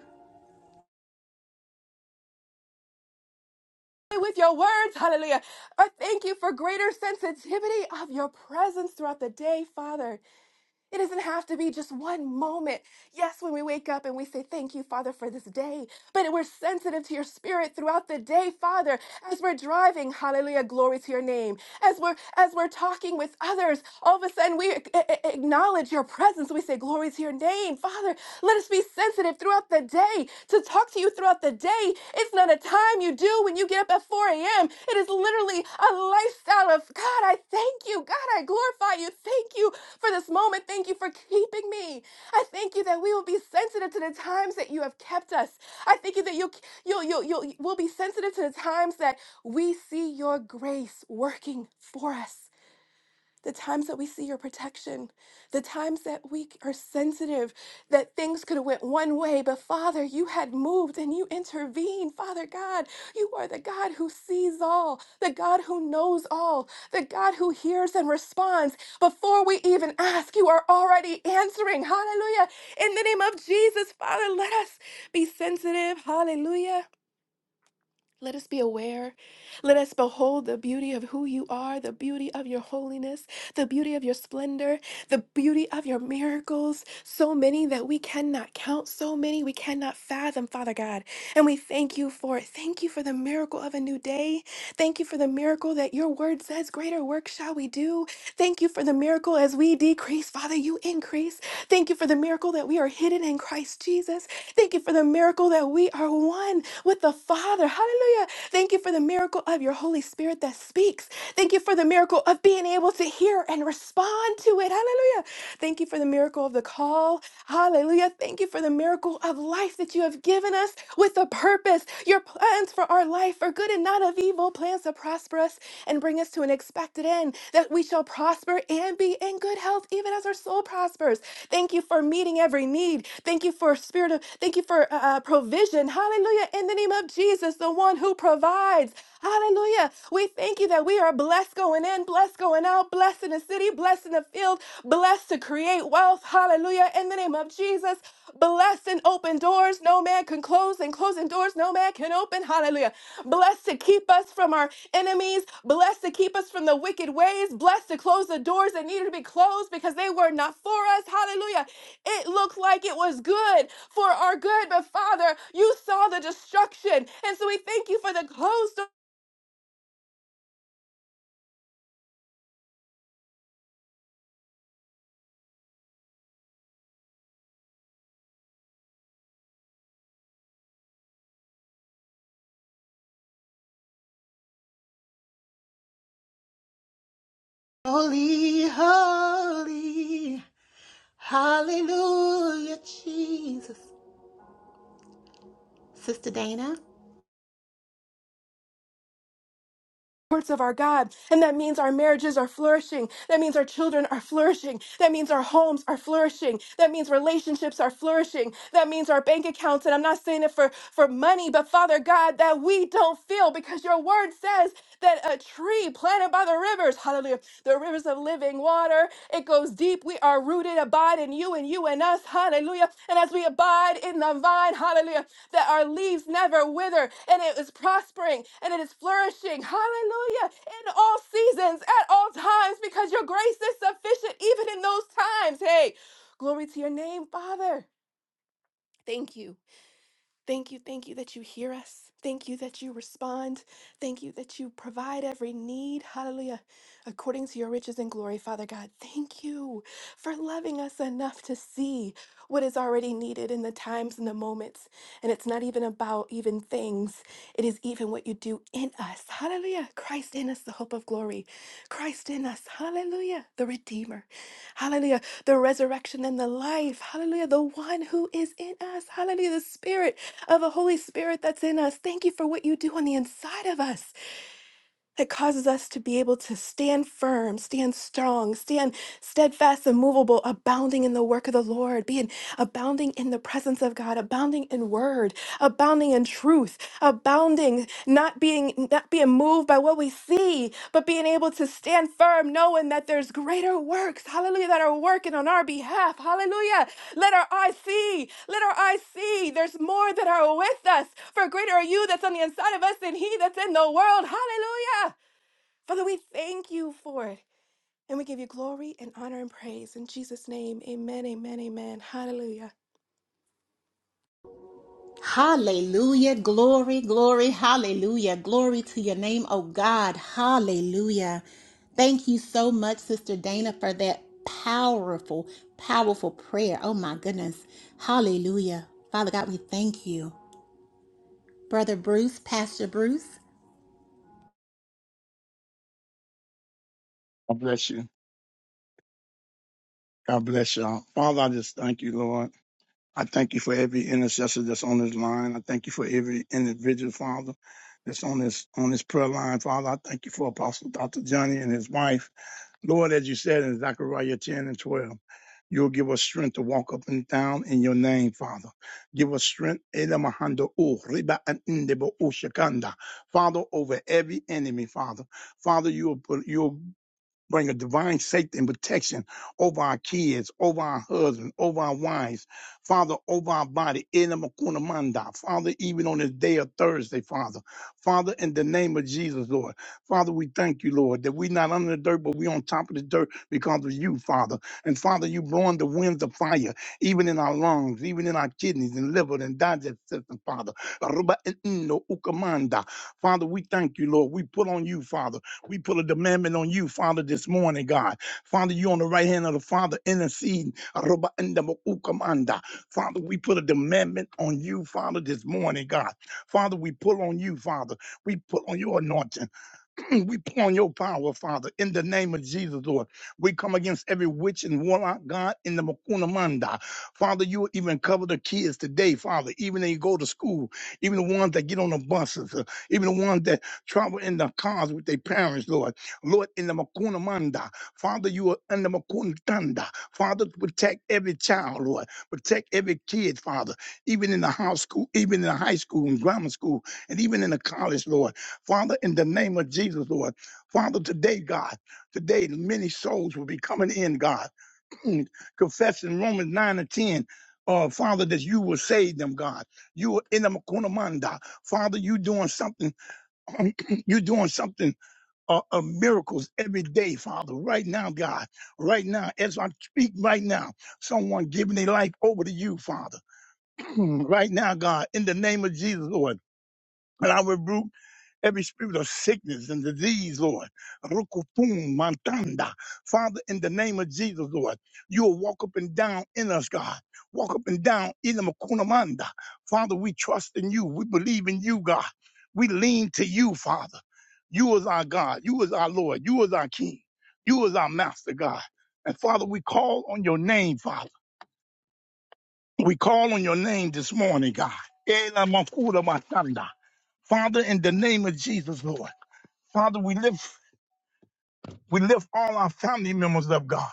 D: with your words. Hallelujah. I thank you for greater sensitivity of your presence throughout the day, Father. It doesn't have to be just one moment. Yes, when we wake up and we say, Thank you, Father, for this day. But we're sensitive to your spirit throughout the day, Father, as we're driving. Hallelujah. Glory to your name. As we're as we're talking with others, all of a sudden we a- a- acknowledge your presence. We say, Glory to your name, Father. Let us be sensitive throughout the day to talk to you throughout the day. It's not a time you do when you get up at 4 4 a.m. It is literally a lifestyle of God, I thank you. God, I glorify you. Thank you for this moment. Thank you for keeping me. I thank you that we will be sensitive to the times that you have kept us. I thank you that you you you you will be sensitive to the times that we see your grace working for us the times that we see your protection, the times that we are sensitive, that things could have went one way, but Father, you had moved and you intervened. Father God, you are the God who sees all, the God who knows all, the God who hears and responds. Before we even ask, you are already answering. Hallelujah. In the name of Jesus, Father, let us be sensitive. Hallelujah let us be aware. Let us behold the beauty of who you are, the beauty of your holiness, the beauty of your splendor, the beauty of your miracles. So many that we cannot count, so many we cannot fathom, Father God. And we thank you for it. Thank you for the miracle of a new day. Thank you for the miracle that your word says, Greater work shall we do. Thank you for the miracle as we decrease, Father, you increase. Thank you for the miracle that we are hidden in Christ Jesus. Thank you for the miracle that we are one with the Father. Hallelujah. Thank you for the miracle of your Holy Spirit that speaks. Thank you for the miracle of being able to hear and respond to it. Hallelujah. Thank you for the miracle of the call. Hallelujah. Thank you for the miracle of life that you have given us with a purpose. Your plans for our life are good and not of evil, plans to prosper us and bring us to an expected end, that we shall prosper and be in good health, even as our soul prospers. Thank you for meeting every need. Thank you for spirit of, thank you for uh, uh, provision. Hallelujah. In the name of Jesus, the one who provides. Hallelujah. We thank you that we are blessed going in, blessed going out, blessed in the city, blessed in the field, blessed to create wealth. Hallelujah. In the name of Jesus, blessed and open doors no man can close, and closing doors no man can open. Hallelujah. Blessed to keep us from our enemies. Blessed to keep us from the wicked ways. Blessed to close the doors that needed to be closed because they were not for us. Hallelujah. It looked like it was good for our good, but Father, you saw the destruction. And so we thank you for the closed
B: Holy, holy. Hallelujah, Jesus. Sister Dana?
D: courts of our God. And that means our marriages are flourishing. That means our children are flourishing. That means our homes are flourishing. That means relationships are flourishing. That means our bank accounts. And I'm not saying it for, for money, but Father God, that we don't feel because your word says that a tree planted by the rivers, hallelujah, the rivers of of living water. It goes deep. We are rooted, abide in you and you in us. Hallelujah. And as we abide in the vine, hallelujah, that our leaves never wither and it is prospering and it is flourishing. Hallelujah. In all seasons, at all times, because your grace is sufficient even in those times. Hey, glory to your name, Father. Thank you. Thank you, thank you that you hear us. Thank you that you respond. Thank you that you provide every need. Hallelujah. According to your riches and glory, Father God, thank you for loving us enough to see what is already needed in the times and the moments. And it's not even about even things, it is even what you do in us. Hallelujah. Christ in us, the hope of glory. Christ in us. Hallelujah. The Redeemer. Hallelujah. The resurrection and the life. Hallelujah. The one who is in us. Hallelujah. The Spirit of a Holy Spirit that's in us. Thank you for what you do on the inside of us that causes us to be able to stand firm, stand strong, stand steadfast, immovable, abounding in the work of the Lord, being abounding in the presence of God, abounding in word, abounding in truth, abounding, not being not being moved by what we see, but being able to stand firm, knowing that there's greater works, hallelujah, that are working on our behalf. Hallelujah. Let our eyes see. Let our eyes see. There's more that are with us. For greater are you that's on the inside of us than he that's in the world. Hallelujah. Father, we thank you for it. And we give you glory and honor and praise. In Jesus' name, amen, amen, amen. Hallelujah.
B: Hallelujah. Glory, glory, hallelujah. Glory to your name, oh God. Hallelujah. Thank you so much, Sister Dana, for that powerful, powerful prayer. Oh my goodness. Hallelujah. Father God, we thank you. Brother Bruce, Pastor Bruce.
G: God bless you. God bless y'all. Father, I just thank you, Lord. I thank you for every intercessor that's on this line. I thank you for every individual, Father, that's on this on this prayer line. Father, I thank you for Apostle Dr. Johnny and his wife. Lord, as you said in Zechariah 10 and 12, you'll give us strength to walk up and down in your name, Father. Give us strength. Elamahando u, riba an indebo u shakanda. Father, over every enemy, Father. Father, you'll put you'll bring a divine safety and protection over our kids, over our husbands, over our wives, Father, over our body, in the Makuna Manda, Father, even on this day of Thursday, Father, Father, in the name of Jesus, Lord, Father, we thank you, Lord, that we are not under the dirt, but we are on top of the dirt because of you, Father, and Father, you blowing the winds of fire, even in our lungs, even in our kidneys and liver and digestive system, Father, Ruba e ino ukamanda. Father, we thank you, Lord, we put on you, Father. We put a demandment on you, Father, this morning, God. Father, you on the right hand of the Father interceding. Aruba enda mo ukamanda. Father, we put a demandment on you, Father, this morning, God. Father, we pull on you, Father. We put on your anointing. we pour on your power, Father, in the name of Jesus, Lord. We come against every witch and warlock, God, in the Makuna Manda. Father, you even cover the kids today, Father, even they go to school, even the ones that get on the buses, uh, even the ones that travel in the cars with their parents, Lord. Lord, in the Makuna Manda, Father, you are in the Makuna Tanda. Father, protect every child, Lord. Protect every kid, Father, even in the house school, even in the high school and grammar school, and even in the college, Lord. Father, in the name of Jesus, Lord. Father, today, God, today many souls will be coming in, God, confessing Romans 9 and 10. Uh, Father, that you will save them, God. You are in them kunamanda. Father, you doing something, you doing something uh, of miracles every day, Father. Right now, God, right now, as I speak right now, someone giving their life over to you, Father. right now, God, in the name of Jesus, Lord. And I rebuke every spirit of sickness and disease, Lord. Rukupum mantanda. Father, in the name of Jesus, Lord, you will walk up and down in us, God. Walk up and down in the makunamanda. Father, we trust in you. We believe in you, God. We lean to you, Father. You is our God. You is our Lord. You is our King. You is our Master, God. And Father, we call on your name, Father. We call on your name this morning, God. Ela makura matanda. Father, in the name of Jesus, Lord. Father, we lift we lift all our family members up, God.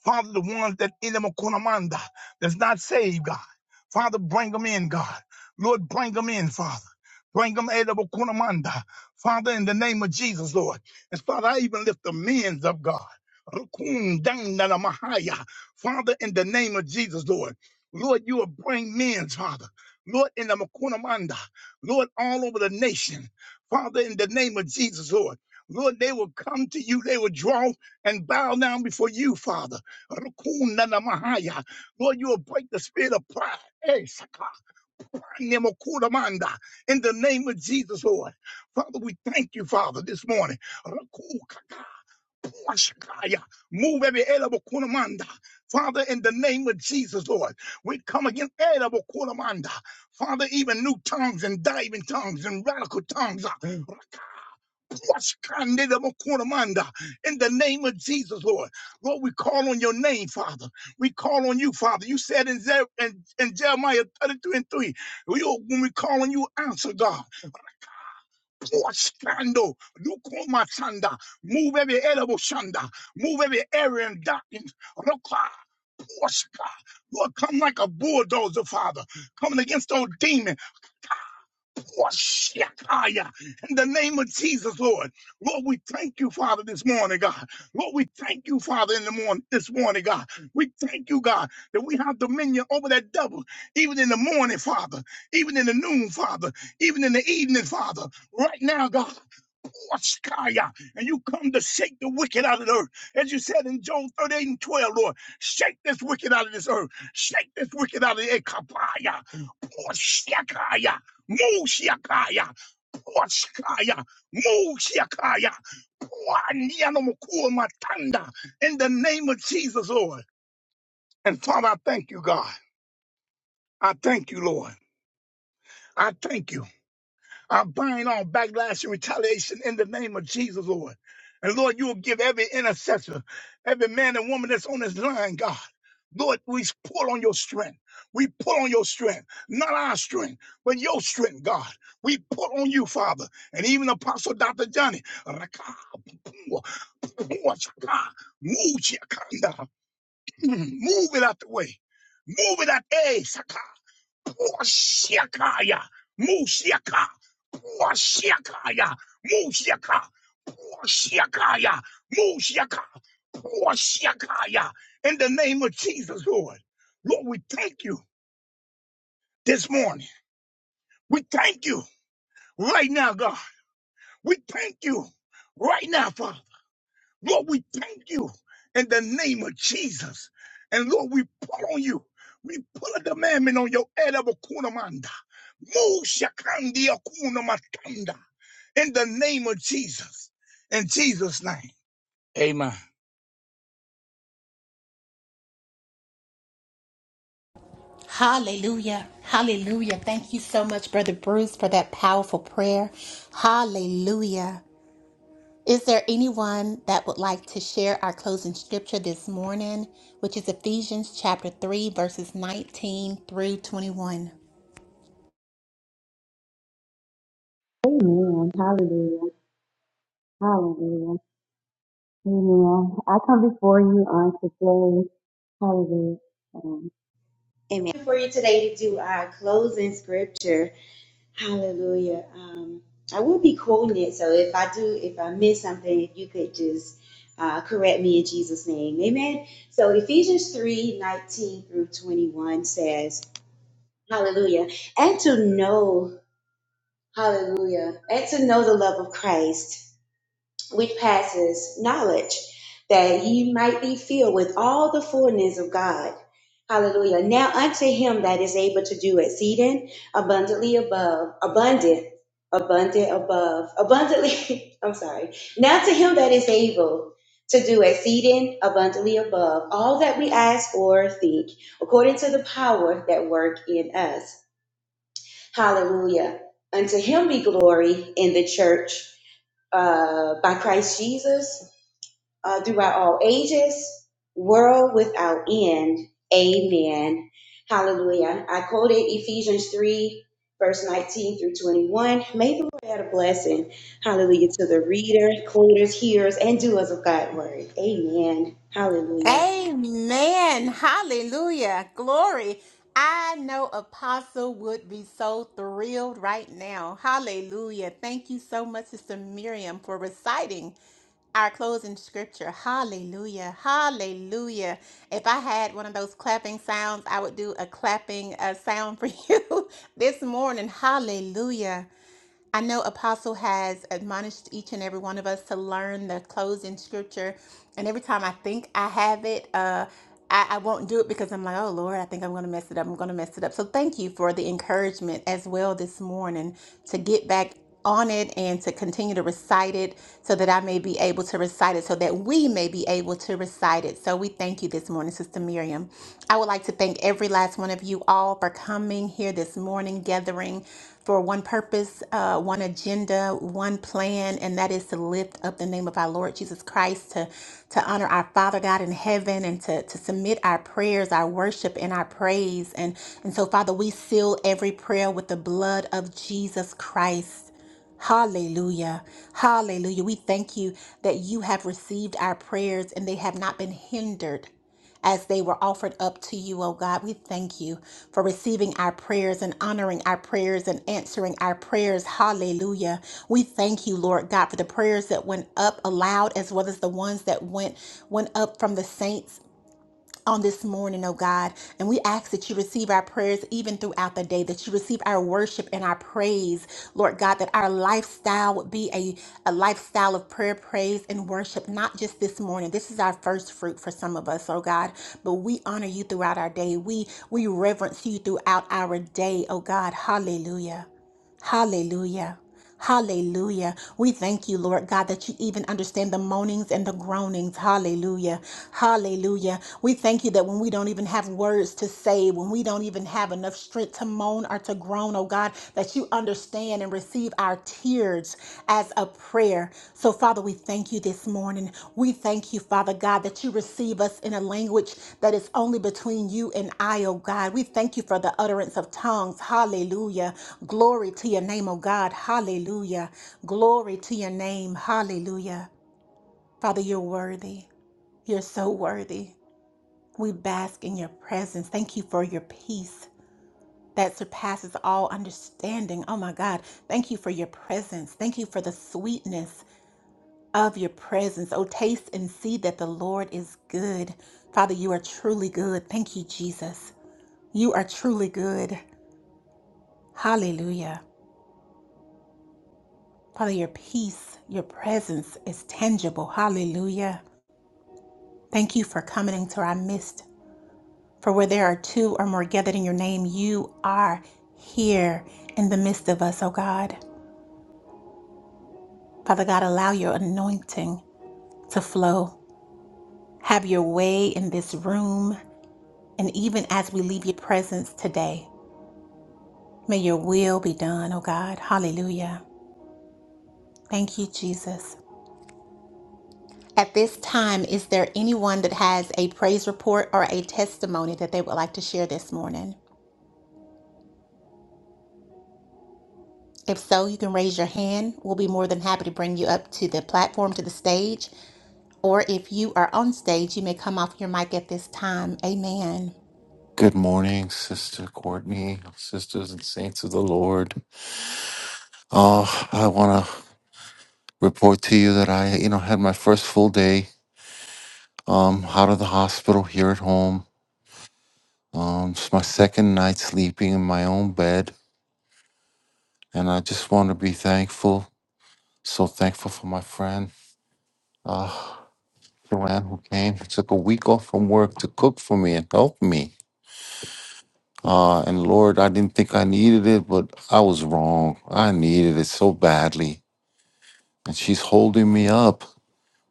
G: Father, the ones that in the are Kunamanda, that's not saved, God. Father, bring them in, God. Lord, bring them in, Father. Bring them out of Kunamanda. Father, in the name of Jesus, Lord. And Father, I even lift the men's up, God. Rukun dandana mahaya. Father, in the name of Jesus, Lord. Lord, you will bring men, Father. Lord, in the Makunamanda. Lord, all over the nation. Father, in the name of Jesus, Lord. Lord, they will come to you. They will draw and bow down before you, Father. Rukuna na mahaya. Lord, you will break the spirit of pride. Eh, saka, nemokuna manda. In the name of Jesus, Lord. Father, we thank you, Father, this morning. Rukukaka, puashakaya. Move every elabokuna manda. Father, in the name of Jesus, Lord, we come against elabokuna manda. Father, even new tongues and diving tongues and radical tongues. In the name of Jesus, Lord. Lord, we call on your name, Father. We call on you, Father. You said in, Ze- in, in Jeremiah 32 and 3, we, oh, when we call on you, answer God. Washando, lukuma shanda. Move every edible shanda. Move every area and darkness. Roka, washka. Lord, come like a bulldozer, Father. Coming against those demons. Koshekaya. In the name of Jesus, Lord. Lord, we thank you, Father, this morning, God. Lord, we thank you, Father, in the morning this morning, God. We thank you, God, that we have dominion over that devil, even in the morning, Father, even in the noon, Father, even in the evening, Father. Right now, God, Koshekaya. and you come to shake the wicked out of the earth. As you said in Job 38 and 12, Lord, shake this wicked out of this earth. Shake this wicked out of the earth. Poshyakaya, Musyakaya, Poshkaya, Musyakaya, Matanda, in the name of Jesus, Lord. And Father, I thank you, God. I thank you, Lord. I thank you. I bind all backlash and retaliation in the name of Jesus, Lord. And Lord, you will give every intercessor, every man and woman that's on this line, God. Lord, we pull on your strength. We pull on your strength, not our strength, but your strength, God. We pull on you, Father, and even Apostle Dr. Johnny. Raka, pua, pua, chaka, Move Chiakanda. Mm, move it out the way. Move it out. Hey, Saka. Pushyakaya, Mushyaka, Pushyakaya, Mushyaka, Pushyakaya, Mushyaka, Pushyakaya. In the name of Jesus, Lord. Lord, we thank you this morning. We thank you right now, God. We thank you right now, Father. Lord, we thank you in the name of Jesus. And Lord, we pull on you. We put a demandment on your head of a kunamanda. Move shakandi akunamatanda. In the name of Jesus. In Jesus' name. Amen.
B: Hallelujah. Hallelujah. Thank you so much, Brother Bruce, for that powerful prayer. Hallelujah. Is there anyone that would like to share our closing scripture this morning, which is Ephesians chapter 3, verses 19 through 21?
E: Amen. Hallelujah. Hallelujah. Amen. I come before you on today. Hallelujah. Um, Amen. For you today to do our closing scripture. Hallelujah. Um, I will be quoting it, so if I do, if I miss something, if you could just uh, correct me in Jesus' name. Amen. So Ephesians 3 19 through 21 says, Hallelujah. And to know, hallelujah, and to know the love of Christ which passes knowledge, that ye might be filled with all the fullness of God. Hallelujah. Now unto him that is able to do exceeding abundantly above, abundant, abundant above, abundantly, I'm sorry. Now to him that is able to do exceeding abundantly above all that we ask or think, according to the power that work in us. Hallelujah. Unto him be glory in the church uh, by Christ Jesus uh, throughout all ages, world without end. Amen. Hallelujah. I quoted Ephesians 3, verse 19 through 21. May the Lord add a blessing. Hallelujah. To the reader, quoters, hearers, and doers of God's word. Amen. Hallelujah.
B: Amen. Hallelujah. Glory. I know Apostle would be so thrilled right now. Hallelujah. Thank you so much, Sister Miriam, for reciting our closing scripture. Hallelujah. Hallelujah. If I had one of those clapping sounds, I would do a clapping uh, sound for you this morning. Hallelujah. I know Apostle has admonished each and every one of us to learn the closing scripture. And every time I think I have it, uh, I, I won't do it because I'm like, oh Lord, I think I'm going to mess it up. I'm going to mess it up. So thank you for the encouragement as well this morning to get back on it and to continue to recite it so that I may be able to recite it, so that we may be able to recite it. So we thank you this morning, Sister Miriam. I would like to thank every last one of you all for coming here this morning, gathering for one purpose, uh, one agenda, one plan, and that is to lift up the name of our Lord Jesus Christ, to, to honor our Father God in heaven, and to, to submit our prayers, our worship, and our praise. And, and so, Father, we seal every prayer with the blood of Jesus Christ. Hallelujah. Hallelujah. We thank you that you have received our prayers and they have not been hindered as they were offered up to you, oh God. We thank you for receiving our prayers and honoring our prayers and answering our prayers. Hallelujah. We thank you, Lord God, for the prayers that went up aloud as well as the ones that went went up from the saints on this morning, oh God. And we ask that you receive our prayers even throughout the day, that you receive our worship and our praise, Lord God, that our lifestyle would be a, a lifestyle of prayer, praise, and worship, not just this morning. This is our first fruit for some of us, oh God. But we honor you throughout our day. We we reverence you throughout our day, oh God. Hallelujah. Hallelujah. Hallelujah. We thank you, Lord God, that you even understand the moanings and the groanings. Hallelujah. Hallelujah. We thank you that when we don't even have words to say, when we don't even have enough strength to moan or to groan, oh God, that you understand and receive our tears as a prayer. So, Father, we thank you this morning. We thank you, Father God, that you receive us in a language that is only between you and I, oh God. We thank you for the utterance of tongues. Hallelujah. Glory to your name, oh God. Hallelujah. Glory to your name. Hallelujah. Father, you're worthy. You're so worthy. We bask in your presence. Thank you for your peace that surpasses all understanding. Oh my God. Thank you for your presence. Thank you for the sweetness of your presence. Oh, taste and see that the Lord is good. Father, you are truly good. Thank you, Jesus. You are truly good. Hallelujah. Father, your peace, your presence is tangible. Hallelujah. Thank you for coming into our midst. For where there are two or more gathered in your name, you are here in the midst of us, oh God. Father God, allow your anointing to flow. Have your way in this room and even as we leave your presence today. May your will be done, oh God. Hallelujah. Thank you, Jesus. At this time, is there anyone that has a praise report or a testimony that they would like to share this morning? If so, you can raise your hand. We'll be more than happy to bring you up to the platform, to the stage. Or if you are on stage, you may come off your mic at this time. Amen.
A: Good morning, Sister Courtney, sisters and saints of the Lord. Oh, I want to report to you that I, you know, had my first full day um, out of the hospital here at home. Um, it's my second night sleeping in my own bed, and I just want to be thankful. So thankful for my friend. Uh, Joanne who came, took a week off from work to cook for me and help me. Uh, and Lord, I didn't think I needed it, but I was wrong. I needed it so badly. And she's holding me up.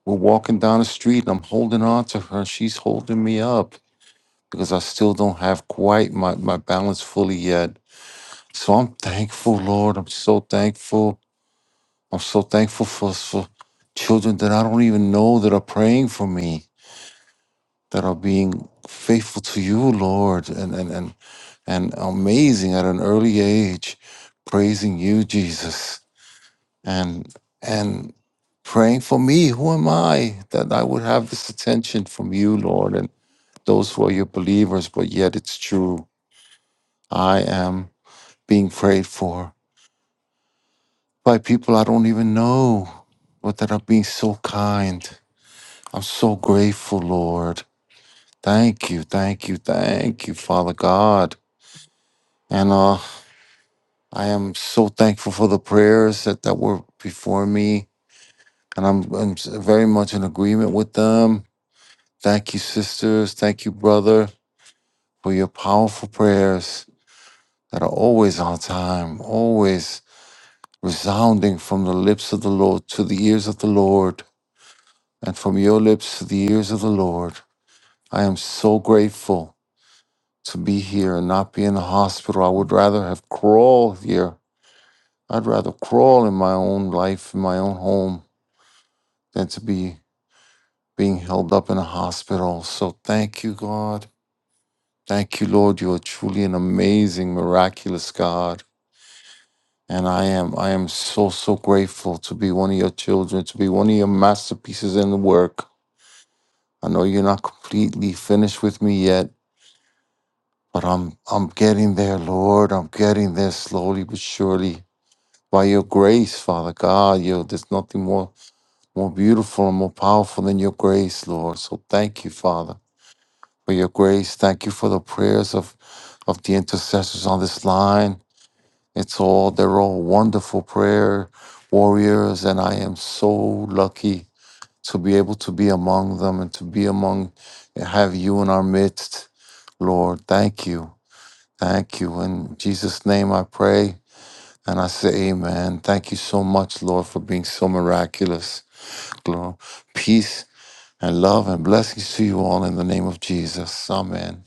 A: We're walking down the street and I'm holding on to her. She's holding me up because I still don't have quite my, my balance fully yet. So I'm thankful, Lord. I'm so thankful. I'm so thankful for, for children that I don't even know that are praying for me that are being faithful to you, Lord, and and and, and amazing at an early age, praising you, Jesus, and and praying for me. Who am I that I would have this attention from you, Lord, and those who are your believers? But yet it's true. I am being prayed for by people I don't even know, but that are being so kind. I'm so grateful, Lord. Thank you, thank you, thank you, Father God. And uh, I am so thankful for the prayers that, that were before me, and I'm, I'm s- very much in agreement with them. Thank you, sisters. Thank you, brother, for your powerful prayers that are always on time, always resounding from the lips of the Lord to the ears of the Lord, and from your lips to the ears of the Lord. I am so grateful to be here and not be in the hospital. I would rather have crawled here. I'd rather crawl in my own life, in my own home than to be being held up in a hospital. So thank you, God. Thank you, Lord. You are truly an amazing, miraculous God. And I am, I am so, so grateful to be one of your children, to be one of your masterpieces in the work. I know you're not completely finished with me yet, but I'm I'm getting there, Lord. I'm getting there slowly but surely. By your grace, Father God, you there's nothing more more beautiful and more powerful than your grace, Lord. So thank you, Father. for your grace. Thank you for the prayers of, of the intercessors on this line. It's all, they're all wonderful prayer warriors, and I am so lucky to be able to be among them and to be among, have you in our midst. Lord, thank you. Thank you. In Jesus' name I pray and I say amen. Thank you so much, Lord, for being so miraculous. Glory, peace and love and blessings to you all in the name of Jesus. Amen.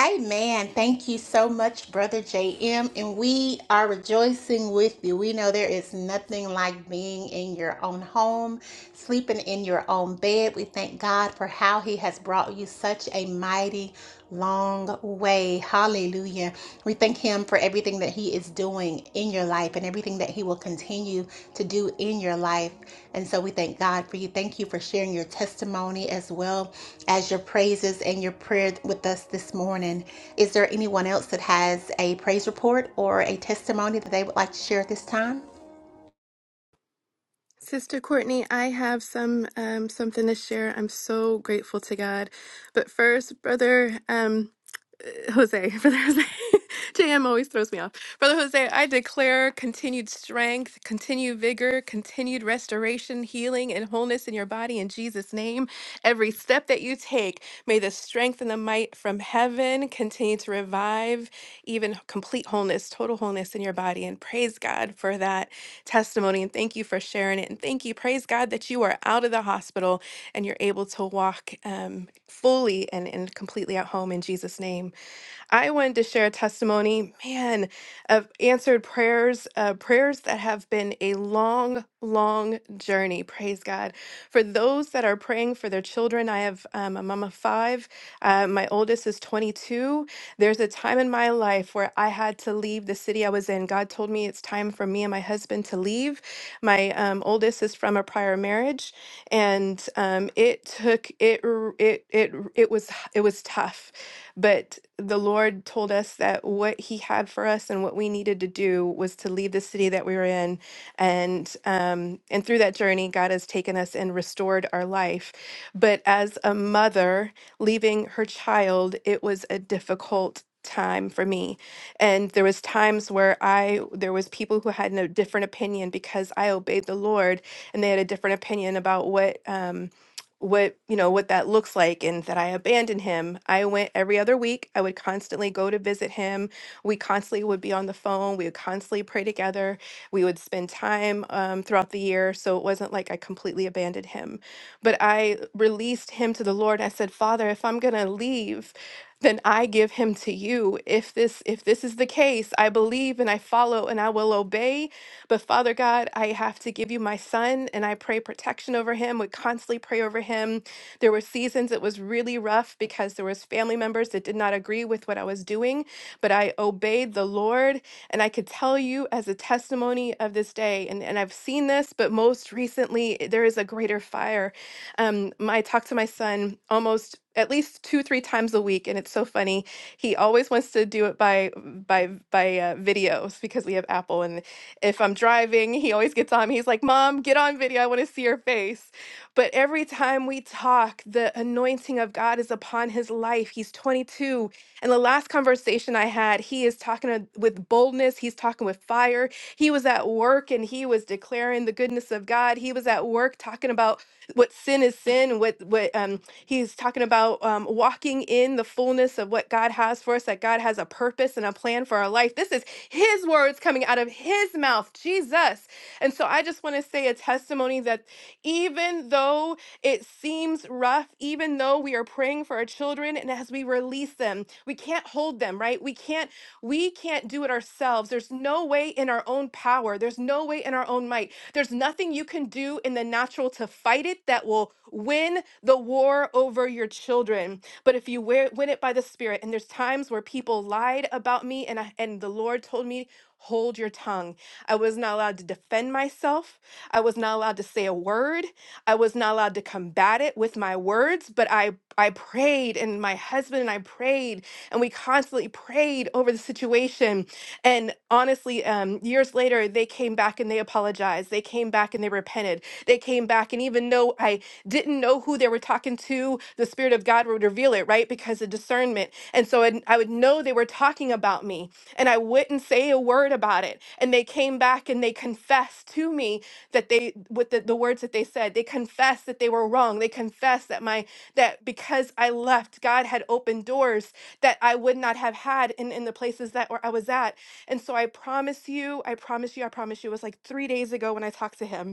B: Amen. Thank you so much, Brother JM. And we are rejoicing with you. We know there is nothing like being in your own home, sleeping in your own bed. We thank God for how He has brought you such a mighty long way. Hallelujah. We thank Him for every everything that He is doing in your life and everything that He will continue to do in your life. And so we thank God for you. Thank you for sharing your testimony as well as your praises and your prayer with us this morning. Is there anyone else that has a praise report or a testimony that they would like to share at this time?
D: Sister Courtney, I have some um, something to share. I'm so grateful to God. But first, brother um, uh, Jose, brother Jose, JM always throws me off. Brother Jose, I declare continued strength, continued vigor, continued restoration, healing, and wholeness in your body in Jesus' name. Every step that you take, may the strength and the might from heaven continue to revive even complete wholeness, total wholeness in your body. And praise God for that testimony. And thank you for sharing it. And thank you. Praise God that you are out of the hospital and you're able to walk um, fully and, and completely at home in Jesus' name. I wanted to share a testimony, man, of answered prayers, uh, prayers that have been a long, long journey. Praise God. For those that are praying for their children, I have um, a mom of five. Uh, my oldest is 22. There's a time in my life where I had to leave the city I was in. God told me it's time for me and my husband to leave. My um, oldest is from a prior marriage, and um, it took it r- it it r- it was h- it was tough but the Lord told us that what He had for us and what we needed to do was to leave the city that we were in, and um, and through that journey, God has taken us and restored our life. But as a mother leaving her child, it was a difficult time for me and there was times where i there was people who had no different opinion because i obeyed the lord and they had a different opinion about what um, what you know what that looks like and that I abandoned him. I went every other week. I would constantly go to visit him. We constantly would be on the phone. We would constantly pray together. We would spend time um, throughout the year. So it wasn't like I completely abandoned him, but I released him to the Lord. I said, Father, if I'm gonna leave, then I give him to you. If this if this is the case, I believe and I follow and I will obey but Father God, I have to give you my son and I pray protection over him, We constantly pray over him. There were seasons it was really rough because there was family members that did not agree with what I was doing, but I obeyed the Lord and I could tell you as a testimony of this day, and, and I've seen this, but most recently there is a greater fire. Um, my, I talk to my son almost at least two, three times a week, and it's so funny. He always wants to do it by by by uh, videos because we have Apple, and if I'm driving, he always gets on me. He's like, Mom, get on video. I want to see your face. But every time we talk, the anointing of God is upon his life. He's 22. And the last conversation I had, he is talking to- with boldness, he's talking with fire. He was at work and he was declaring the goodness of God. He was at work talking about what sin is sin what what um he's talking about um walking in the fullness of what god has for us that god has a purpose and a plan for our life this is his words coming out of his mouth jesus and so i just want to say a testimony that even though it seems rough even though we are praying for our children and as we release them we can't hold them right we can't we can't do it ourselves. There's no way in our own power, there's no way in our own might. There's nothing you can do in the natural to fight it that will win the war over your children. But if you wear, win it by the Spirit, and there's times where people lied about me, and I, and the Lord told me, hold your tongue. I was not allowed to defend myself. I was not allowed to say a word. I was not allowed to combat it with my words. But I I prayed, and my husband and I prayed and we constantly prayed over the situation and honestly, um, years later, they came back and they apologized. They came back and they repented. They came back, and even though I didn't know who they were talking to, the Spirit of God would reveal it, right? Because of discernment. And so I'd- I would know they were talking about me, and I wouldn't say a word about it. And they came back and they confessed to me that they, with the, the words that they said, they confessed that they were wrong. They confessed that my, that because I left, God had opened doors that I would not have had in, in the places that where I was at and so I promise you, I promise you, I promise you, it was like three days ago when I talked to him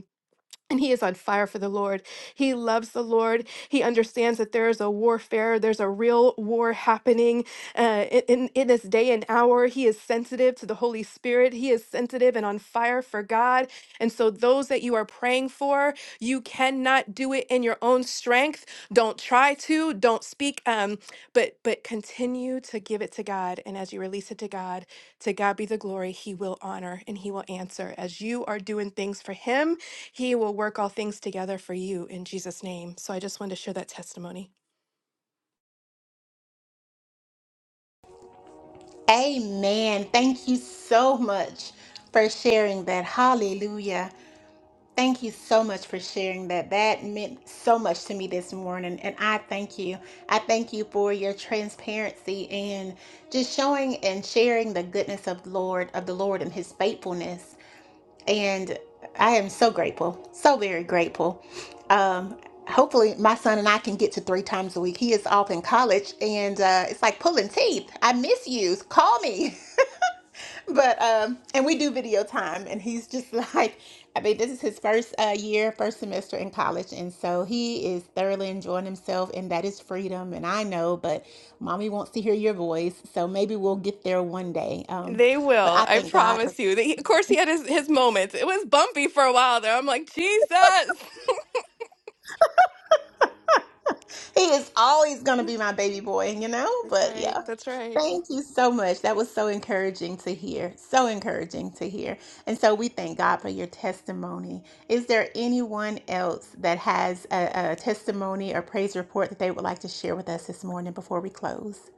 D: and he is on fire for the Lord. He loves the Lord. He understands that there is a warfare, there's a real war happening uh, in, in in this day and hour. He is sensitive to the Holy Spirit. He is sensitive and on fire for God. And so, those that you are praying for, you cannot do it in your own strength. Don't try to. Don't speak. Um, but but continue to give it to God. And as you release it to God, to God be the glory. He will honor and He will answer as you are doing things for Him he will work all things together for you in Jesus' name. So I just wanted to share that testimony.
B: Amen. Thank you so much for sharing that. Hallelujah. Thank you so much for sharing that. That meant so much to me this morning, and I thank you. I thank you for your transparency and just showing and sharing the goodness of the Lord, of the Lord and his faithfulness. And I am so grateful, so very grateful. Um Hopefully, my son and I can get to three times a week. He is off in college, and uh, it's like pulling teeth. I miss you. Call me. but um and we do video time and he's just like i mean this is his first uh, year first semester in college and so he is thoroughly enjoying himself and that is freedom and i know but mommy wants to hear your voice so maybe we'll get there one day um
D: They
B: but
D: will.
B: i
D: I
B: thank god for
D: promise you. They, of course, he had his, his moments. It was bumpy for a while there. I'm like, Jesus.
B: He is always going to be my baby boy, you know?
D: That's
B: But
D: right.
B: yeah.
D: That's right.
B: Thank you so much. That was so encouraging to hear. So encouraging to hear. And so we thank God for your testimony. Is there anyone else that has a, a testimony or praise report that they would like to share with us this morning before we close?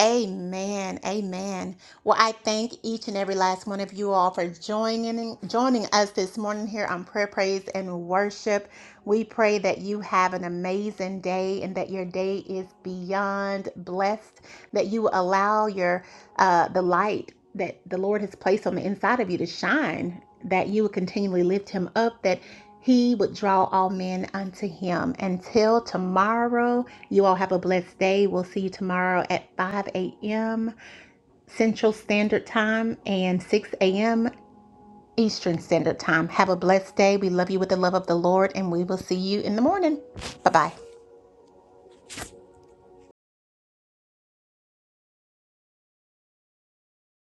B: Amen. Amen. Well, I thank each and every last one of you all for joining joining us this morning here on Prayer Praise and Worship. We pray that you have an amazing day and that your day is beyond blessed that you allow your uh, the light that the Lord has placed on the inside of you to shine, that you would continually lift him up, that he would draw all men unto him. Until tomorrow, you all have a blessed day. We'll see you tomorrow at 5 a.m. Central Standard Time and 6 a.m. Eastern Standard Time. Have a blessed day. We love you with the love of the Lord, and we will see you in the morning. Bye bye.